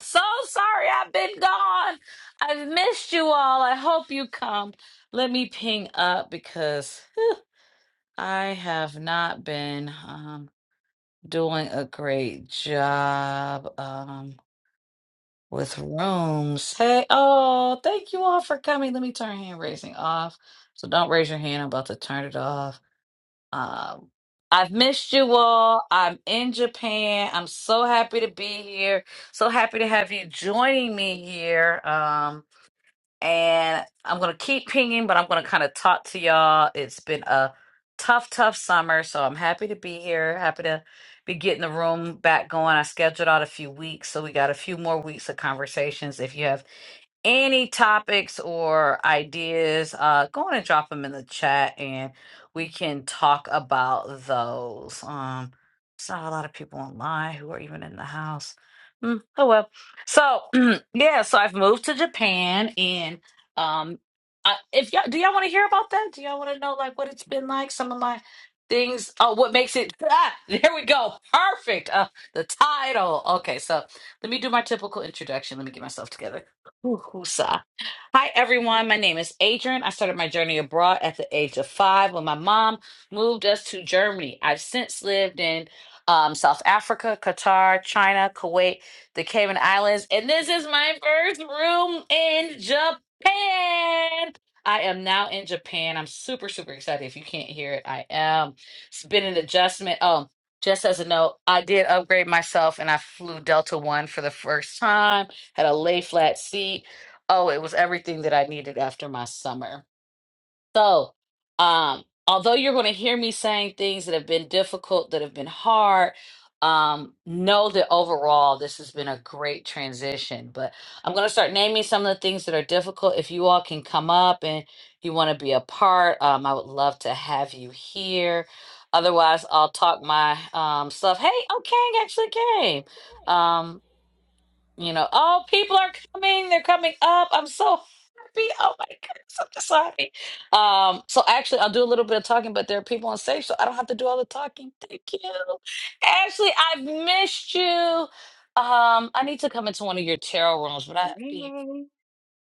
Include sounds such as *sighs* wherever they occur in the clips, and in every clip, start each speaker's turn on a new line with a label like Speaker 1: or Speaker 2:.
Speaker 1: So sorry I've been gone. I've missed you all. I hope you come. Let me ping up because I have not been um, doing a great job um, with rooms. Hey, oh, thank you all for coming. Let me turn hand raising off. So don't raise your hand. I'm about to turn it off. Um, I've missed you all. I'm in Japan. I'm so happy to be here. So happy to have you joining me here. Um, and I'm gonna keep pinging, but I'm gonna kind of talk to y'all. It's been a tough, tough summer, so I'm happy to be here. Happy to be getting the room back going. I scheduled out a few weeks, so we got a few more weeks of conversations. If you have any topics or ideas, uh, go on and drop them in the chat and we can talk about those. Um, it's not a lot of people online who are even in the house. Mm, oh well. So *clears throat* yeah, so I've moved to Japan and um I, if y'all do y'all want to hear about that? Do y'all want to know like what it's been like? Some of my things oh what makes it *laughs* ah, there we go. Perfect. Uh the title. Okay, so let me do my typical introduction. Let me get myself together. Woohoosa. Hi, everyone. My name is Adrian. I started my journey abroad at the age of five when my mom moved us to Germany. I've since lived in um, South Africa, Qatar, China, Kuwait, the Cayman Islands, and this is my first room in Japan. I am now in Japan. I'm super, super excited. If you can't hear it, I am. It's been an adjustment. Oh, just as a note, I did upgrade myself and I flew Delta One for the first time, had a lay flat seat Oh, it was everything that I needed after my summer. So, um, although you're going to hear me saying things that have been difficult, that have been hard, um, know that overall this has been a great transition. But I'm going to start naming some of the things that are difficult. If you all can come up and you want to be a part, um, I would love to have you here. Otherwise, I'll talk my um, stuff. Hey, oh, Kang actually came. Um, you know, oh, people are coming. They're coming up. I'm so happy. Oh my goodness, I'm just so happy. Um, so actually, I'll do a little bit of talking, but there are people on stage, so I don't have to do all the talking. Thank you, Ashley. I've missed you. Um, I need to come into one of your tarot rooms, but I
Speaker 2: Hey.
Speaker 1: be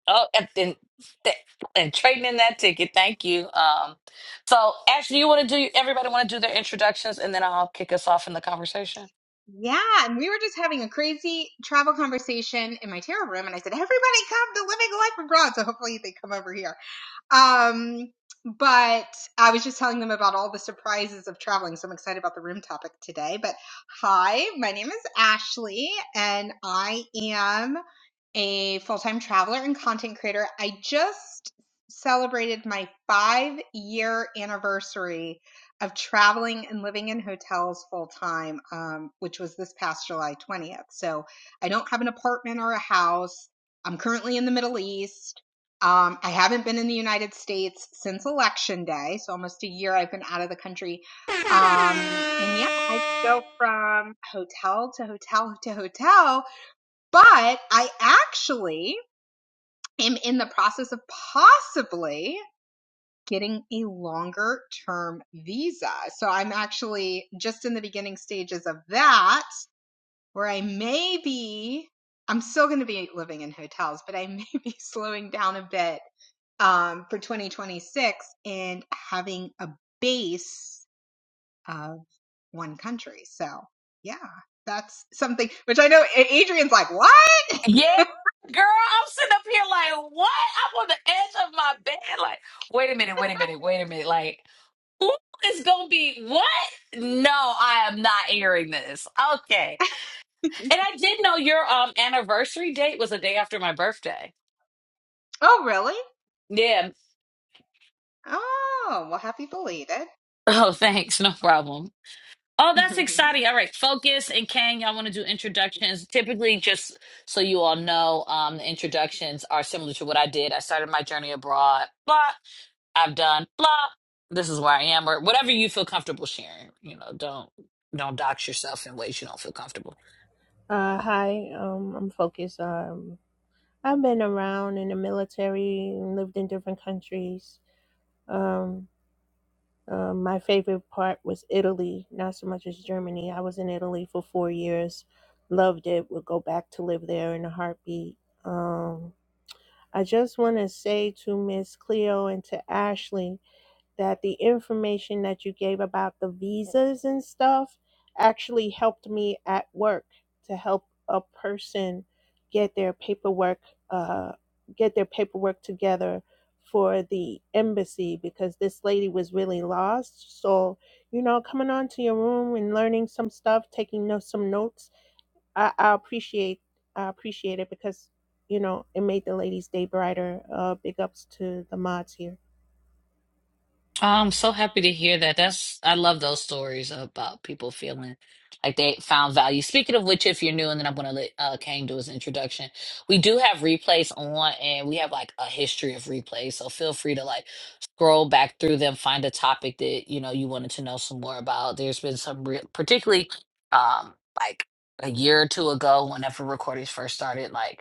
Speaker 1: oh, and then th- and trading in that ticket. Thank you. Um, so Ashley, you want to do? Everybody want to do their introductions, and then I'll kick us off in the conversation.
Speaker 2: Yeah, and we were just having a crazy travel conversation in my tarot room, and I said, "Everybody, come to Living Life Abroad." So hopefully they come over here. Um, but I was just telling them about all the surprises of traveling. So I'm excited about the room topic today. But hi, my name is Ashley, and I am a full time traveler and content creator. I just celebrated my five year anniversary of traveling and living in hotels full time, um, which was this past July 20th. So I don't have an apartment or a house. I'm currently in the Middle East. Um, I haven't been in the United States since Election Day, so almost a year I've been out of the country. Um, and yeah, I just go from hotel to hotel to hotel, but I actually am in the process of possibly getting a longer term visa. So I'm actually just in the beginning stages of that, where I may be, I'm still going to be living in hotels, but I *laughs* may be slowing down a bit um, for 2026 and having a base of one country. So yeah, that's something which I know Adrian's like, what? *laughs*
Speaker 1: Yeah, girl, I'm sitting up here like, what? I'm on the edge of my bed. Like, wait a minute, wait a minute, wait a minute. Like, who is going to be what? No, I am not airing this. Okay. And I did know your um anniversary date was a day after my birthday.
Speaker 2: Oh, really?
Speaker 1: Yeah.
Speaker 2: Oh, well, happy belated.
Speaker 1: Oh, thanks. No problem. Oh, that's
Speaker 2: *laughs*
Speaker 1: exciting. All right. Focus and Kang, y'all want to do introductions. Typically, just so you all know, um, the introductions are similar to what I did. I started my journey abroad. Blah. I've done blah. This is where I am, or whatever you feel comfortable sharing. You know, don't don't dox yourself in ways you don't feel comfortable.
Speaker 3: Uh, hi, um, I'm Focus. Um, I've been around in the military and lived in different countries. Um, um, my favorite part was Italy, not just Germany. I was in Italy for four years, loved it, would go back to live there in a heartbeat. Um, I just want to say to Miss Cleo and to Ashley that the information that you gave about the visas and stuff actually helped me at work to help a person get their paperwork uh, get their paperwork together for the embassy because this lady was really lost so you know coming on to your room and learning some stuff taking no, some notes I, I appreciate i appreciate it because you know it made the lady's day brighter uh, big ups to the mods here
Speaker 1: I'm so happy to hear that. That's I love those stories about people feeling like they found value. Speaking of which, if you're new, and then I'm gonna let uh, Kane do his introduction. We do have replays on, and we have like a history of replays. So feel free to like scroll back through them, find a topic that you know you wanted to know some more about. There's been some real, particularly um like a year or two ago, whenever recordings first started, like.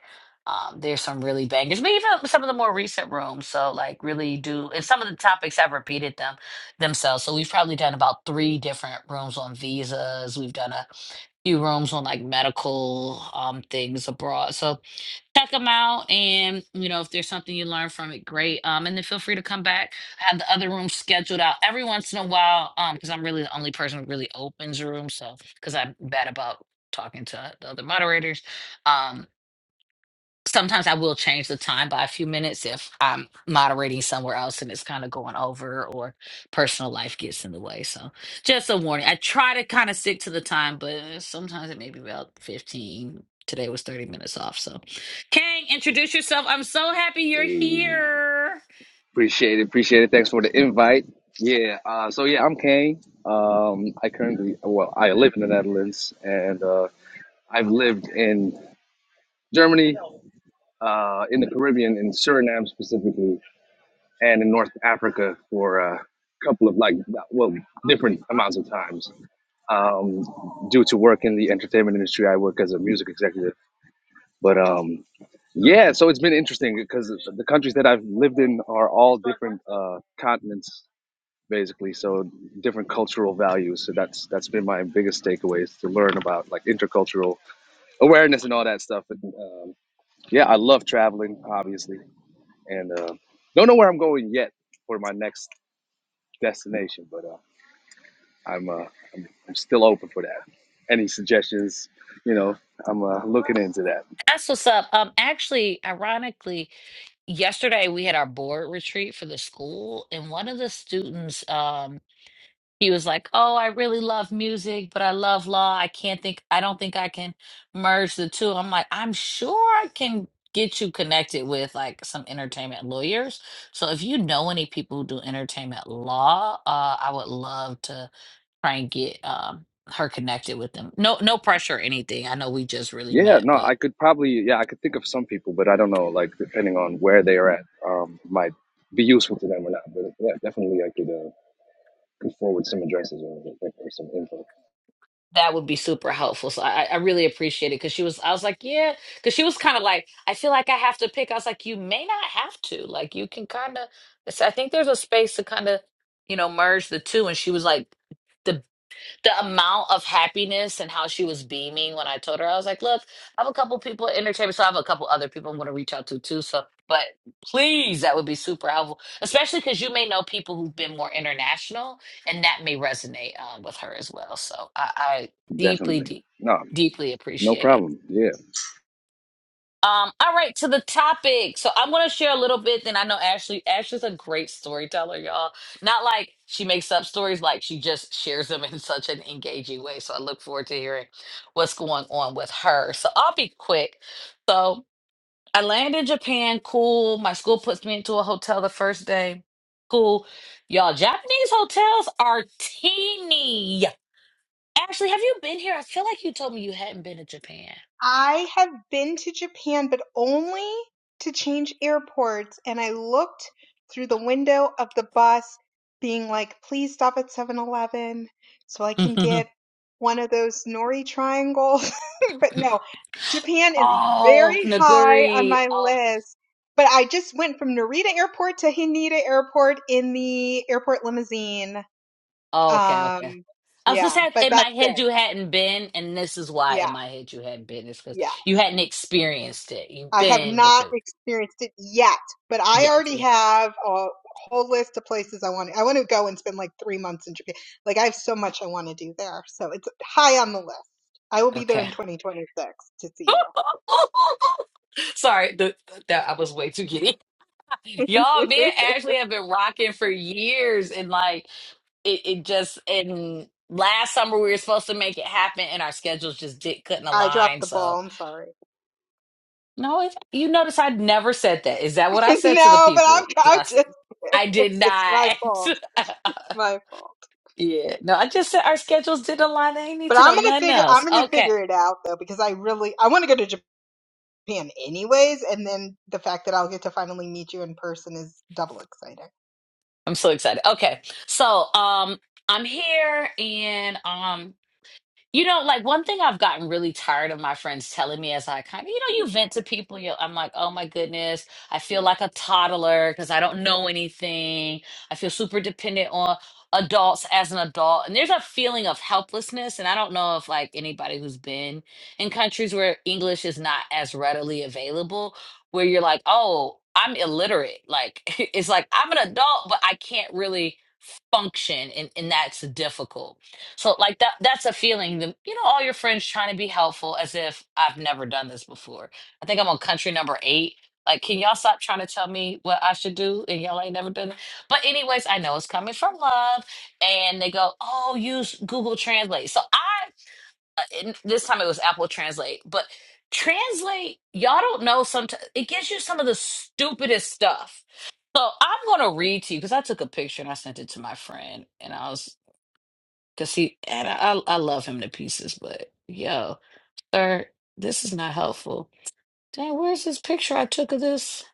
Speaker 1: Um, there's some really bangers, but even some of the more recent rooms. So like really do and some of the topics have repeated them themselves. So we've probably done about three different rooms on visas. We've done a few rooms on like medical um things abroad. So check them out and you know if there's something you learn from it, great. Um and then feel free to come back. I have the other rooms scheduled out every once in a while. Um because I'm really the only person who really opens a room. So because I'm bad about talking to the other moderators. Um sometimes I will change the time by a few minutes if I'm moderating somewhere else and it's kind of going over or personal life gets in the way. So just a warning. I try to kind of stick to the time, but sometimes it may be about 15. Today was 30 minutes off. So Kang, introduce yourself. I'm so happy you're
Speaker 4: Hey,
Speaker 1: here.
Speaker 4: appreciate it, appreciate it. Thanks for the invite. Yeah, uh, so yeah, I'm Kane. Um, I currently, well, I live in the Netherlands, and uh, I've lived in Germany, uh, in the Caribbean, in Suriname specifically, and in North Africa for a couple of like, well, different amounts of times. Um, due to work in the entertainment industry, I work as a music executive, but um, yeah, so it's been interesting because the countries that I've lived in are all different uh, continents basically. So different cultural values. So that's that's been my biggest takeaways to learn about like intercultural awareness and all that stuff. And um, yeah, I love traveling, obviously, and uh, don't know where I'm going yet for my next destination, but uh, I'm uh, I'm still open for that. Any suggestions? You know, I'm uh, looking into that.
Speaker 1: That's what's up. Um actually, ironically, yesterday we had our board retreat for the school and one of the students um. he was like, "Oh, I really love music, but I love law. I can't think I don't think I can merge the two." i I'm like, "I'm sure I can get you connected with like some entertainment lawyers. So if you know any people who do entertainment law, uh I would love to try and get um her connected with them. No no pressure or anything. I know we just really
Speaker 4: Yeah,
Speaker 1: met,
Speaker 4: no,
Speaker 1: but
Speaker 4: I could probably yeah, I could think of some people, but I don't know like depending on where they are at, um, might be useful to them or not. But yeah, definitely I could. Uh, could forward some addresses or, or some info.
Speaker 1: That would be super helpful. So I, I really appreciate it because she was, I was like, yeah, because she was kind of like, I feel like I have to pick. I was like, you may not have to. Like, you can kind of, I think there's a space to kind of, you know, merge the two. And she was like, the the amount of happiness and how she was beaming when I told her, I was like, look, I have a couple people in entertainment, so I have a couple other people I'm going to reach out to too. So, but please, that would be super helpful, especially because you may know people who've been more international, and that may resonate um, with her as well. So, I, I deeply,
Speaker 4: Definitely.
Speaker 1: deep,
Speaker 4: No,
Speaker 1: deeply
Speaker 4: no
Speaker 1: appreciate it.
Speaker 4: problem. Yeah.
Speaker 1: Um, all right, to the topic. So I'm gonna share a little bit. Then I know Ashley. Ashley's a great storyteller, y'all. Not like she makes up stories, like she just shares them in *laughs* such an engaging way. So I look forward to hearing what's going on with her. So I'll be quick. So I land in Japan, cool. My school puts me into a hotel the first day. Cool. Y'all, Japanese hotels are teeny. Ashley, have you been here? I feel like you told me you hadn't been to Japan.
Speaker 2: I have been to Japan, but only to change airports. And I looked through the window of the bus, being like, please stop at Seven Eleven, so I can get one of those nori triangles. *laughs* but
Speaker 1: *laughs*
Speaker 2: no, Japan is
Speaker 1: Oh,
Speaker 2: very high on
Speaker 1: Naguri.
Speaker 2: my
Speaker 1: Oh,
Speaker 2: list. But I just went from Narita Airport to Haneda Airport in the airport limousine.
Speaker 1: oh, okay, okay.
Speaker 2: Um,
Speaker 1: I was just
Speaker 2: yeah,
Speaker 1: had
Speaker 2: but
Speaker 1: in my
Speaker 2: that's
Speaker 1: head
Speaker 2: it.
Speaker 1: you hadn't been, and this is why in
Speaker 2: Yeah,
Speaker 1: my head you hadn't been. It's because
Speaker 2: yeah.
Speaker 1: you hadn't experienced it. You've
Speaker 2: I have
Speaker 1: been, but
Speaker 2: not
Speaker 1: you
Speaker 2: experienced it yet, but I
Speaker 1: yet,
Speaker 2: already
Speaker 1: yeah.
Speaker 2: have a whole list of places I want. I want to go and spend like three months in Japan. Like I have so much I want to do there, so it's high on the list. I will be there
Speaker 1: Okay.
Speaker 2: in 2026 to see
Speaker 1: *laughs* Sorry, the, that I was way too giddy. *laughs* Y'all,
Speaker 2: you.
Speaker 1: me
Speaker 2: *laughs*
Speaker 1: and Ashley have been rocking for years, and like it, it just and last summer we were supposed to make it happen, and our schedules just did couldn't
Speaker 2: I dropped
Speaker 1: align.
Speaker 2: the
Speaker 1: So.
Speaker 2: ball. I'm sorry.
Speaker 1: No, if you notice, I never said that. Is that what
Speaker 2: *laughs*
Speaker 1: I said to the
Speaker 2: no, but I'm,
Speaker 1: people? Did
Speaker 2: I'm
Speaker 1: I say?
Speaker 2: just.
Speaker 1: I did
Speaker 2: *laughs* it's my
Speaker 1: not.
Speaker 2: fault. It's my fault.
Speaker 1: *laughs* yeah, no, I just said our schedules didn't align. They need
Speaker 2: But
Speaker 1: to know
Speaker 2: I'm gonna
Speaker 1: nothing
Speaker 2: figure.
Speaker 1: else.
Speaker 2: I'm gonna
Speaker 1: Okay,
Speaker 2: figure it out though, because I really I want to go to Japan anyways, and then the fact that I'll get to finally meet you in person is double exciting.
Speaker 1: I'm so excited. Okay, so um, I'm here and um. You know, like one thing I've gotten really tired of my friends telling me as I kind of, you know, you vent to people, you I'm like, oh my goodness, I feel like a toddler because I don't know anything. I feel super dependent on adults as an adult. And there's a feeling of helplessness. And I don't know if like anybody who's been in countries where English is not as readily available, where you're like, oh, I'm illiterate. Like *laughs* it's like I'm an adult, but I can't really function and, and that's difficult so like that that's a feeling that you know all your friends trying to be helpful as if I've never done this before. I think I'm on country number 8. Like can y'all stop trying to tell me what I should do and y'all ain't never done it. But anyways, I know it's coming from love and they go, "Oh, use Google Translate." So I uh, and this time it was Apple Translate, but Translate, y'all don't know sometimes it gives you some of the stupidest stuff. So I'm gonna read to you because I took a picture and I sent it to my friend, and I was Cause he and I I love him to pieces, but yo, sir, this is not helpful. Dang, where's this picture I took of this?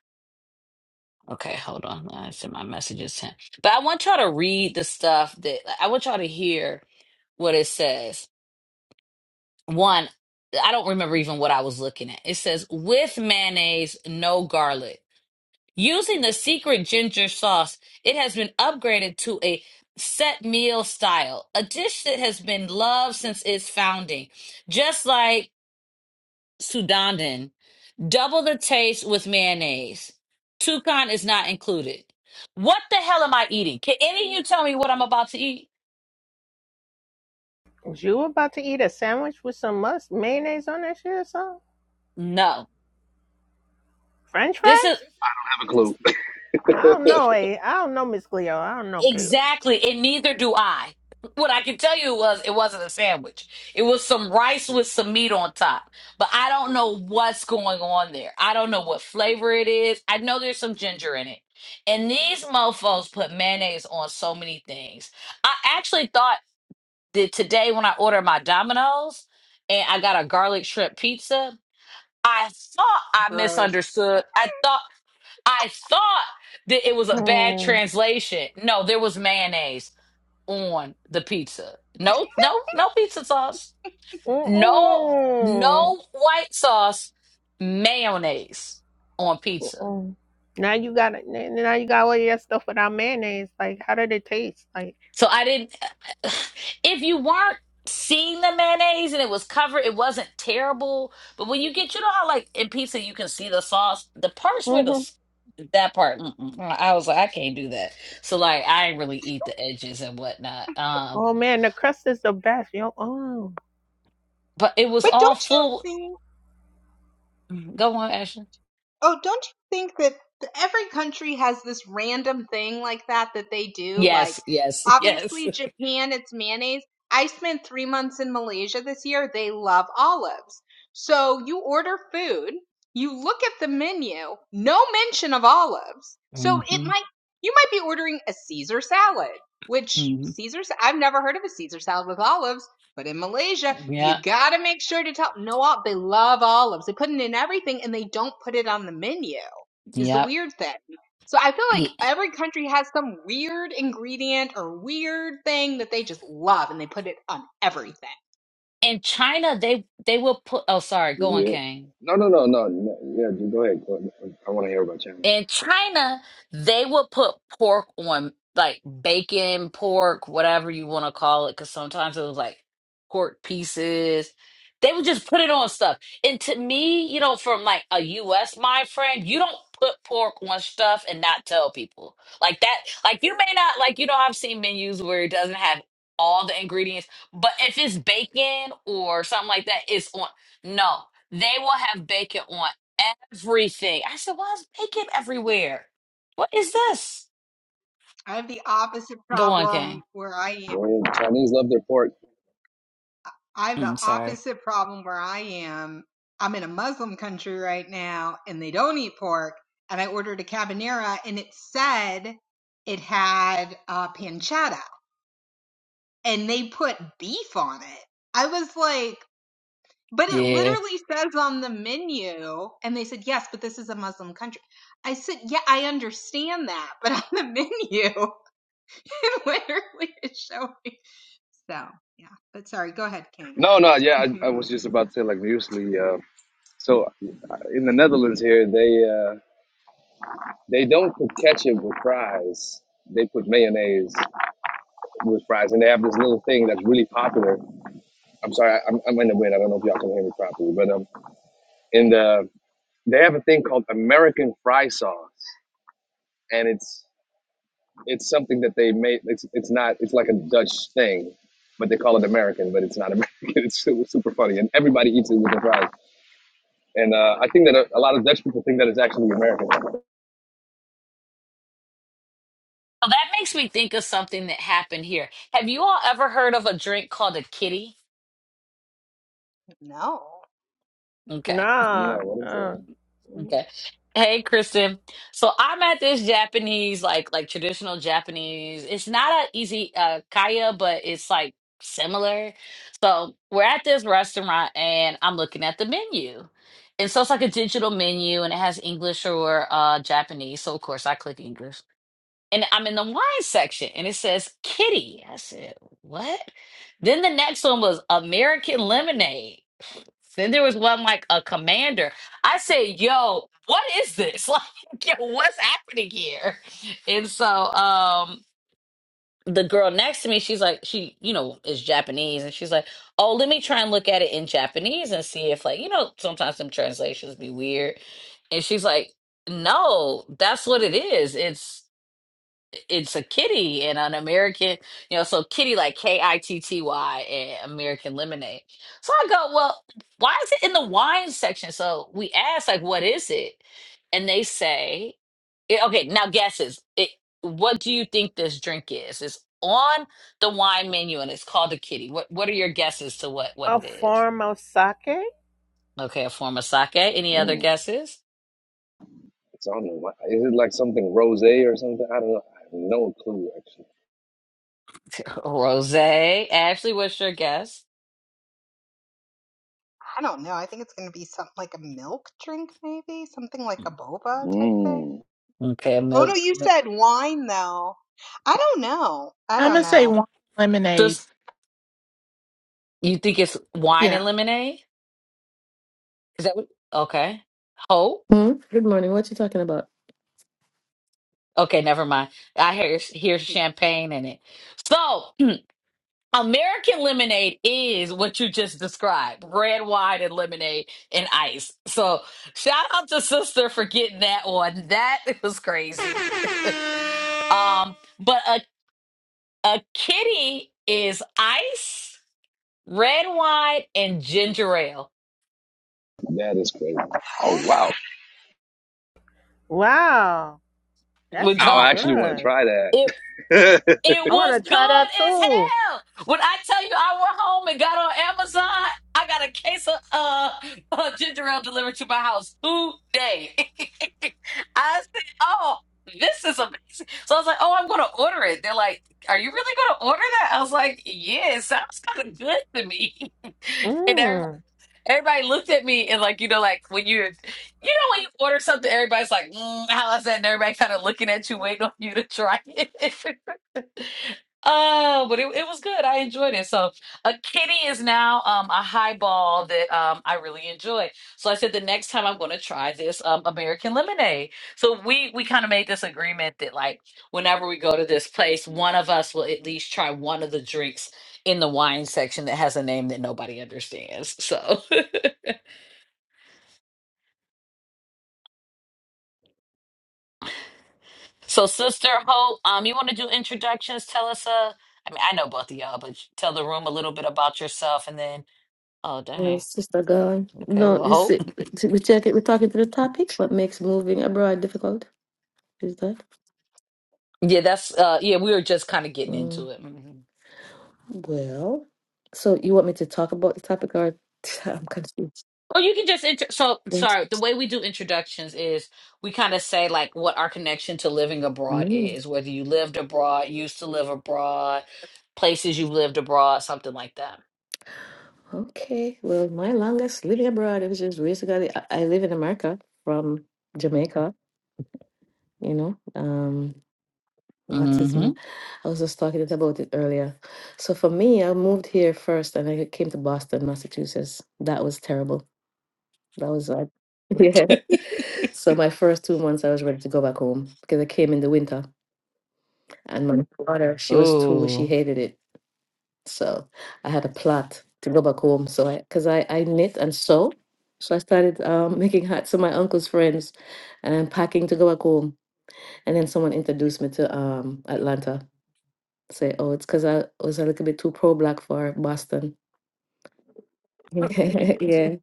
Speaker 1: Okay, hold on. I sent my messages to him. But I want y'all to read the stuff that like, I want y'all to hear what it says. One, I don't remember even what I was looking at. It says with mayonnaise, no garlic. Using the secret ginger sauce, it has been upgraded to a set meal style, a dish that has been loved since its founding, just like sudanden, Double the taste with mayonnaise. Toucan is not included. What the hell am I eating? Can any of you tell me what I'm about to eat?
Speaker 3: Was You about to eat a sandwich with some must mayonnaise on that shit or something?
Speaker 1: No.
Speaker 3: French
Speaker 1: This is.
Speaker 3: fries?
Speaker 4: I have a clue.
Speaker 3: I don't
Speaker 4: *laughs*
Speaker 3: know, eh? I don't know, Miss Cleo. I don't know, Cleo.
Speaker 1: Exactly. And neither do I. What I can tell you was it wasn't a sandwich. It was some rice with some meat on top. But I don't know what's going on there. I don't know what flavor it is. I know there's some ginger in it. And these mofos put mayonnaise on so many things. I actually thought that today when I ordered my Domino's and I got a garlic shrimp pizza, I thought I
Speaker 2: Gross.
Speaker 1: misunderstood. I thought I thought that it was a bad
Speaker 3: Mm.
Speaker 1: translation. No, there was mayonnaise on the pizza. No, no, no pizza sauce. No,
Speaker 3: Mm-mm.
Speaker 1: no white sauce, mayonnaise on pizza.
Speaker 3: Mm-mm. Now you got now you got all your stuff without mayonnaise. Like, how did it taste? Like,
Speaker 1: So I didn't, *sighs* if you weren't seeing the mayonnaise and it was covered, it wasn't terrible. But when you get, you know how like in pizza you can see the sauce, the parts where the,
Speaker 3: hmm
Speaker 1: s- that part, mm-mm. mm, I was like, I can't do that. So like, I didn't really eat the edges and whatnot. Um,
Speaker 3: oh man, the crust is the best. Yo, oh
Speaker 1: but it was
Speaker 2: But
Speaker 1: all
Speaker 2: don't you
Speaker 1: full.
Speaker 2: think?
Speaker 1: Go on, Ashley.
Speaker 2: Oh, don't you think that th- every country has this random thing like that that they do? Like,
Speaker 1: Yes, yes, *laughs* yes.
Speaker 2: obviously, Japan, it's mayonnaise. I spent three months in Malaysia this year. They love olives. So you order food, you look at the menu, no mention of olives. So it
Speaker 1: hmm
Speaker 2: might, you might be ordering a Caesar salad, which
Speaker 1: hmm
Speaker 2: Caesar, I've never heard of a Caesar salad with olives. But in Malaysia,
Speaker 1: Yep,
Speaker 2: you gotta make sure to tell no they love olives. They put it in everything and they don't put it on the menu is the
Speaker 1: yep.
Speaker 2: weird thing. So I feel like
Speaker 1: Ye-
Speaker 2: every country has some weird ingredient or weird thing that they just love and they put it on everything.
Speaker 1: In China, they they will put. Oh, sorry. Go on,
Speaker 4: yeah.
Speaker 1: Kane.
Speaker 4: No, no, no, no, no. Yeah, dude, go ahead. Go ahead. I want to hear about China.
Speaker 1: in China, they would put pork on like bacon, pork, whatever you want to call it, because sometimes it was like pork pieces. They would just put it on stuff. And to me, you know, from like a US mind frame, you don't put pork on stuff and not tell people. Like that, like you may not, like, you know, I've seen menus where it doesn't have all the ingredients, but if it's bacon or something like that, it's on. No, they will have bacon on everything. I said, why is makeup everywhere? What is this?
Speaker 2: I have the opposite
Speaker 1: Go on,
Speaker 2: problem
Speaker 1: Kane.
Speaker 2: where I
Speaker 4: Go
Speaker 2: am.
Speaker 4: ahead. Chinese love their pork.
Speaker 2: I have the
Speaker 1: I'm sorry.
Speaker 2: opposite problem where I am. I'm in a Muslim country right now and they don't eat pork. And I ordered a cabanera and it said it had uh, pancetta. and they put beef on it. I was like, but it
Speaker 1: Yeah.
Speaker 2: literally says on the menu, and they said, yes, but this is a Muslim country. I said, yeah, I understand that, but *laughs* on the menu, *laughs* it literally is showing. So, yeah, but sorry, go ahead, King.
Speaker 4: No, no, yeah,
Speaker 2: *laughs*
Speaker 4: I, I was just about to say, like, usually, uh, so uh, in the Netherlands here, they uh, they don't put ketchup with fries. They put mayonnaise with fries, and they have this little thing that's really popular. I'm sorry, I'm, I'm in the wind. I don't know if y'all can hear me properly, but um, in the they have a thing called American fry sauce, and it's it's something that they made. It's it's not. It's like a Dutch thing, but they call it American, but it's not American. *laughs* It's super, super funny, and everybody eats it with the fries. And uh, I think that a, a lot of Dutch people think that it's actually American.
Speaker 1: Oh, that makes me think of something that happened here. Have you all ever heard of a drink called a kitty?
Speaker 2: no,
Speaker 1: Okay.
Speaker 4: No,
Speaker 3: nah,
Speaker 4: what is
Speaker 3: nah.
Speaker 4: that?
Speaker 1: Okay. Hey, Kristen. So I'm at this Japanese, like like traditional Japanese. It's not a easy uh kaya, but it's like similar. So we're at this restaurant and I'm looking at the menu. And so it's like a digital menu and it has English or uh Japanese. So of course I click English. And I'm in the wine section and it says kitty. I said, what? Then the next one was American lemonade. Then there was one like a commander. I said, "Yo, what is this? *laughs* Like, yo, what's happening here?" And so, um, the girl next to me, she's like, she, you know, is Japanese, and she's like, "Oh, let me try and look at it in Japanese and see if, like, you know, sometimes some translations be weird." And she's like, "No, that's what it is. It's." it's a kitty and an American, you know, so kitty like K I T T Y and American lemonade. So I go, well, why is it in the wine section? So we ask, like, what is it? And they say, it- okay, now guesses. It, what do you think this drink is? It's on the wine menu and it's called a kitty. What What are your guesses to what what
Speaker 3: A
Speaker 1: it is?
Speaker 3: form of sake?
Speaker 1: Okay, a form of sake. Any other
Speaker 4: Mm,
Speaker 1: guesses?
Speaker 4: It's on. the- Is it like something rosé or something? I don't know. I have no clue actually.
Speaker 1: *laughs* Rose. Ashley, what's your guess?
Speaker 2: I don't know. I think it's going to be something like a milk drink, maybe something like a boba type thing.
Speaker 4: mm.
Speaker 1: Okay,
Speaker 2: Oh, no,
Speaker 1: milk.
Speaker 2: you said wine, though. I don't know. I
Speaker 5: I'm
Speaker 2: don't
Speaker 5: gonna say
Speaker 2: know.
Speaker 5: wine lemonade.
Speaker 1: milk. You think it's wine
Speaker 5: Yeah.
Speaker 1: and lemonade? Is that what? Okay. Hope.
Speaker 6: Hmm? Good morning. What you talking about?
Speaker 1: Okay, never mind. I hear hear champagne in it. So, *clears throat* American lemonade is what you just described: red wine and lemonade and ice. So, shout out to sister for getting that one. That *laughs* was crazy. Um, but a a kitty is ice, red wine, and ginger ale.
Speaker 4: That is crazy.
Speaker 2: What? Is that
Speaker 4: Oh wow,
Speaker 3: Wow, that
Speaker 1: Would
Speaker 4: Now
Speaker 1: y'all?
Speaker 3: sounds
Speaker 4: I actually want to
Speaker 3: good.
Speaker 4: try that. *laughs*
Speaker 1: It
Speaker 3: I want
Speaker 1: was
Speaker 3: to try
Speaker 1: good
Speaker 3: that
Speaker 1: as
Speaker 3: too.
Speaker 1: hell. When I tell you I went home and got on Amazon, I got a case of uh, uh, ginger ale delivered to my house today. *laughs* I said, oh, this is amazing. So I was like, oh, I'm going to order it. They're like, are you really going to order that? I was like, yeah, it sounds kind of good to me. *laughs* and everybody,
Speaker 3: Mm.
Speaker 1: everybody looked at me and like, you know, like when you're, you know, when you order something, everybody's like, mm, how is that? And everybody kind of looking at you, waiting on you to try it. *laughs* Oh, but it, it was good. I enjoyed it. So, a kitty is now um a highball that um I really enjoy. So I said the next time I'm going to try this um American lemonade. So we we kind of made this agreement that like whenever we go to this place, one of us will at least try one of the drinks in the wine section that has a name that nobody understands. So, *laughs* so Sister Hope, um, you want to do introductions? Tell us uh, I mean, I know both of y'all, but tell the room a little bit about yourself, and then oh
Speaker 6: Uh,
Speaker 1: dang.
Speaker 6: Sister God.
Speaker 1: Okay,
Speaker 6: No,
Speaker 1: well,
Speaker 6: you see,
Speaker 1: hope. *laughs*
Speaker 6: we check it. We're talking to the topic. What makes moving abroad difficult? Is that?
Speaker 1: Yeah, that's uh yeah, we were just kind of getting into
Speaker 6: Mm,
Speaker 1: it. Mhm.
Speaker 6: well, so you want me to talk about the topic or *laughs* I'm confused.
Speaker 1: Or you can just inter- so sorry, the way we do introductions is we kind of say like what our connection to living abroad
Speaker 6: Mm,
Speaker 1: is, whether you lived abroad, used to live abroad, places you have lived abroad, something like that.
Speaker 6: okay. Well, my longest living abroad, it was just basically, I, I live in America from Jamaica, you know. Um,
Speaker 1: Mhm.
Speaker 6: Autism. I was just talking about it earlier. So for me, I moved here first and I came to Boston, Massachusetts. That was terrible. That was like, *laughs* yeah. So my first two months, I was ready to go back home because I came in the winter and my daughter, she was two, she
Speaker 1: Ooh.
Speaker 6: hated it. So I had a plot to go back home. So I, because I, I knit and sew. So I started um, *laughs* making hats for my uncle's friends and packing to go back home. And then someone introduced me to um, Atlanta say, oh, it's because I was a little bit too pro black for Boston. *laughs* yeah.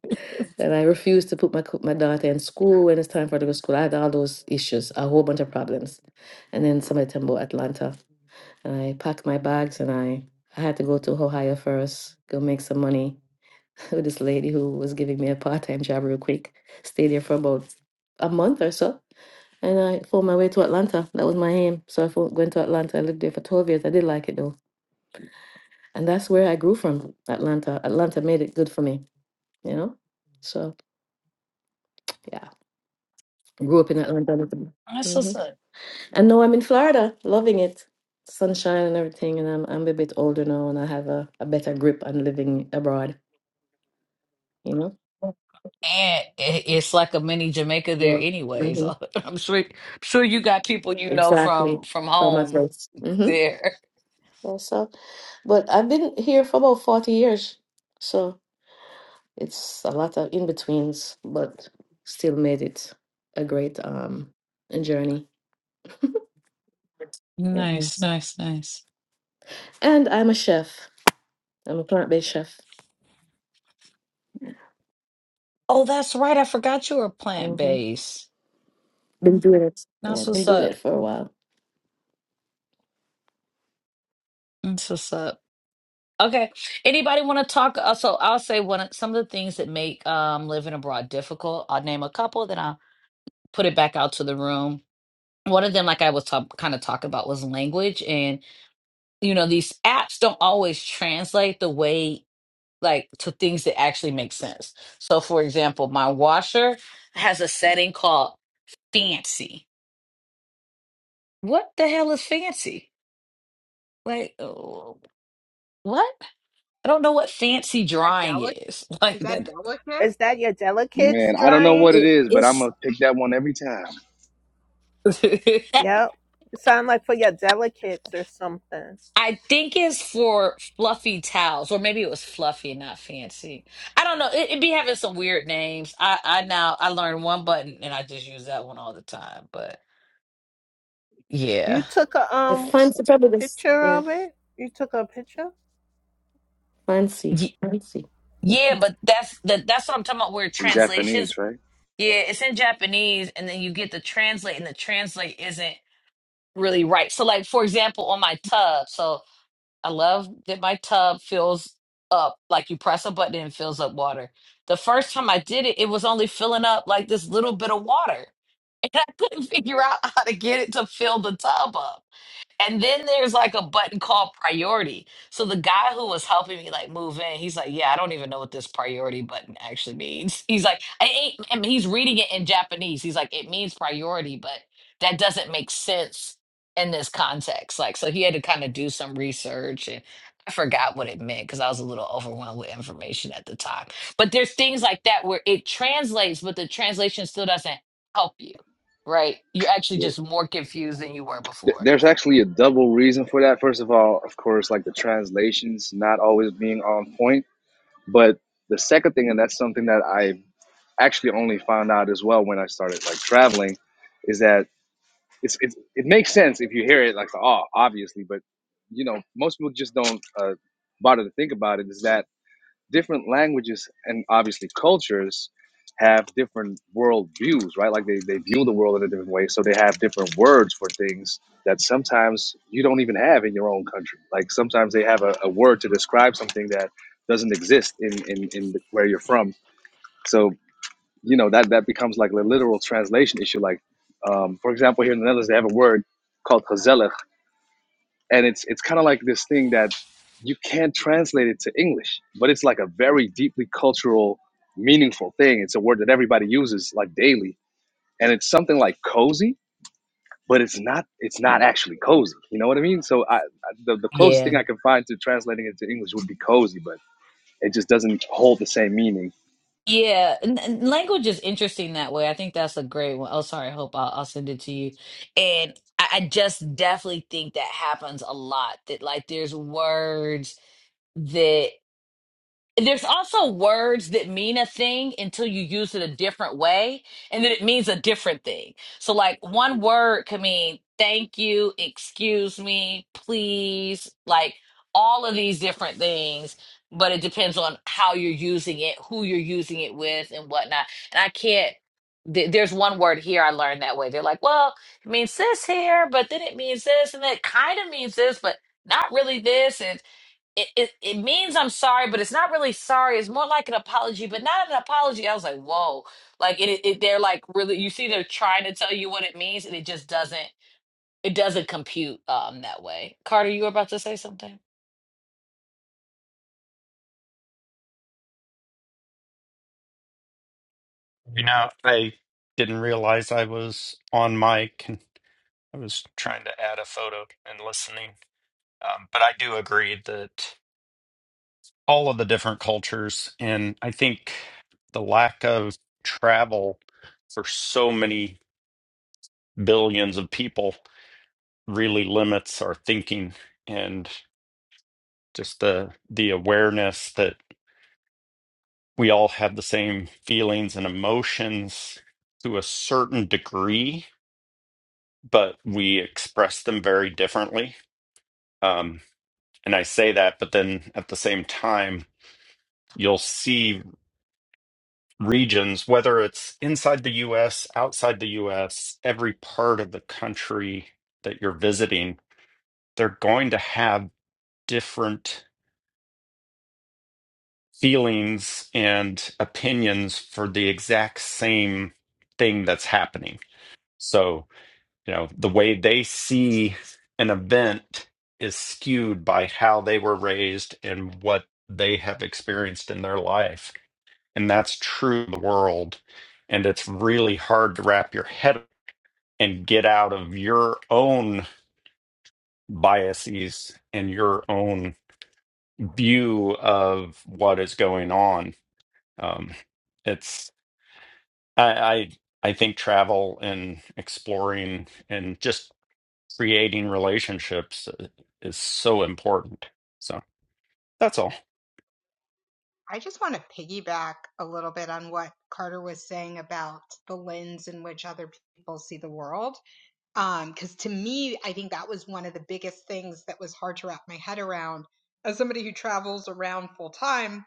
Speaker 6: And I refused to put my co- my daughter in school when it's time for her to go to school. I had all those issues, a whole bunch of problems. And then somebody told me about Atlanta. And I packed my bags and I, I had to go to Ohio first, go make some money *laughs* with this lady who was giving me a part time job real quick. Stayed there for about a month or so. And I found my way to Atlanta. That was my aim. So I fo- went to Atlanta. I lived there for 12 years. I did like it though and that's where I grew from Atlanta. Atlanta made it good for me, you know. So yeah, grew up in Atlanta.
Speaker 1: That's so
Speaker 6: hmm
Speaker 1: sad.
Speaker 6: And now I'm in Florida, loving it, sunshine and everything. And I'm I'm a bit older now, and I have a, a better grip on living abroad, you know.
Speaker 1: and it- it's like a mini Jamaica there,
Speaker 6: Yeah,
Speaker 1: anyways.
Speaker 6: hmm
Speaker 1: *laughs* I'm sure, I'm sure you got people you know
Speaker 6: exactly.
Speaker 1: from from
Speaker 6: For my
Speaker 1: home
Speaker 6: place. Mm-hmm.
Speaker 1: there.
Speaker 6: Yeah, so, but I've been here for about forty years, so it's a lot of in betweens, but still made it a great um journey.
Speaker 1: Nice,
Speaker 6: Yes.
Speaker 1: nice, nice.
Speaker 6: And I'm a chef. I'm a plant based chef.
Speaker 1: Oh, that's right. I forgot you were plant
Speaker 6: hmm
Speaker 1: based.
Speaker 6: Been doing it. Yeah,
Speaker 1: That's
Speaker 6: been
Speaker 1: what's
Speaker 6: doing
Speaker 1: up.
Speaker 6: it for a while.
Speaker 1: That's what's up. Okay. Anybody want to talk? Uh, so I'll say one of some of the things that make um living abroad difficult. I'll name a couple, then I'll put it back out to the room. One of them, like I was talk, kind of talking about, was language and you know these apps don't always translate the way like to things that actually make sense. So, for example, my washer has a setting called fancy. What the hell is fancy? Like, oh, what? I don't know what fancy drying
Speaker 2: delicate?
Speaker 1: is. *laughs* Like
Speaker 2: Is that
Speaker 1: that,
Speaker 2: delicate?
Speaker 3: Is that your
Speaker 4: man!
Speaker 3: delicates
Speaker 4: I don't know
Speaker 3: drying?
Speaker 4: what it
Speaker 1: it,
Speaker 4: is, but I'm
Speaker 1: it's.
Speaker 4: gonna pick that one every time.
Speaker 1: *laughs*
Speaker 3: Yep. It sounds like for your delicates or something.
Speaker 1: I think it's for fluffy towels, or maybe it was fluffy and not fancy. I don't know. It, it be having some weird names. I, I now I learned one button and I just use that one all the time. But yeah,
Speaker 3: You took a
Speaker 6: I
Speaker 3: um
Speaker 6: fancy probably this.
Speaker 3: picture
Speaker 6: Yeah,
Speaker 3: of it. You took a picture.
Speaker 6: fancy, fancy.
Speaker 1: Yeah, but that's the that's what I'm talking about. Where
Speaker 4: It's in Japanese,
Speaker 1: translations,
Speaker 4: right?
Speaker 1: yeah, it's in Japanese, and then you get the translate, and the translate isn't really right. So, like for example, on my tub, so I love that my tub fills up like you press a button and it fills up water. The first time I did it, it was only filling up like this little bit of water, *laughs* and I couldn't figure out how to get it to fill the tub up. And then there's like a button called priority. So the guy who was helping me like move in, he's like, "Yeah, I don't even know what this priority button actually means." *laughs* He's like, "I ain't." I he's reading it in Japanese. He's like, "It means priority, but that doesn't make sense in this context." Like, so he had to kind of do some research, and I forgot what it meant because I was a little overwhelmed with information at the time. But there's things like that where it translates, but the translation still doesn't help you, right? You're actually
Speaker 4: Yeah.
Speaker 1: just more confused than you were
Speaker 4: Th-
Speaker 1: before.
Speaker 4: There's actually a double reason for that. First of all, of course, like the translations not always being on point. But the second thing, and that's something that I actually only found out as well when I started like traveling, is that it's, it's it makes sense if you hear it like oh obviously, but you know most people just don't uh, bother to think about it. Is that different languages and obviously cultures have different world views, right? Like they, they view the world in a different way. So they have different words for things that sometimes you don't even have in your own country. Like sometimes they have a, a word to describe something that doesn't exist in, in, in the, where you're from. So, you know, that, that becomes like a literal translation issue. Like, um, for example, here in the Netherlands, they have a word called hazelles and it's it's kind of like this thing that you can't translate it to English, but it's like a very deeply cultural, meaningful thing. It's a word that everybody uses like daily, and it's something like cozy, but it's not it's not actually cozy. You know what I mean? So I, I the the closest
Speaker 1: Yeah.
Speaker 4: thing I can find to translating it to English would be cozy, but it just doesn't hold the same meaning.
Speaker 1: Yeah. N- n- language is interesting that way. I think that's a great one. Oh, sorry. I hope I'll, I'll send it to you. And I, I just definitely think that happens a lot that, like, there's words. that. there's also words that mean a thing until you use it a different way and then it means a different thing so like one word can mean thank you excuse me please like all of these different things but it depends on how you're using it who you're using it with and whatnot and i can't th- there's one word here i learned that way they're like well it means this here but then it means this and it kind of means this but not really this And it, it it means I'm sorry, but it's not really sorry. It's more like an apology, but not an apology. I was like, whoa, like it, it they're like really. You see, they're trying to tell you what it means, and it just doesn't. It doesn't compute um that way. Carter, you were about to say something.
Speaker 7: You know, I didn't realize I was on mic and I was trying to add a photo and listening. Um, but I do agree that all of the different cultures, and I think the lack of travel for so many billions of people really limits our thinking and just the the awareness that we all have the same feelings and emotions to a certain degree but we express them very differently. Um, and I say that, but then at the same time, you'll see regions, whether it's inside the US, outside the US, every part of the country that you're visiting, they're going to have different feelings and opinions for the exact same thing that's happening. So you know the way they see an event is skewed by how they were raised and what they have experienced in their life and that's true of the world and it's really hard to wrap your head and get out of your own biases and your own view of what is going on um, it's I, I i think travel and exploring and just creating relationships uh, is so important. So that's all.
Speaker 2: I just want to piggyback a little bit on what Carter was saying about the lens in which other people see the world. Um, Because to me, I think that was one of the biggest things that was hard to wrap my head around. As somebody who travels around full time,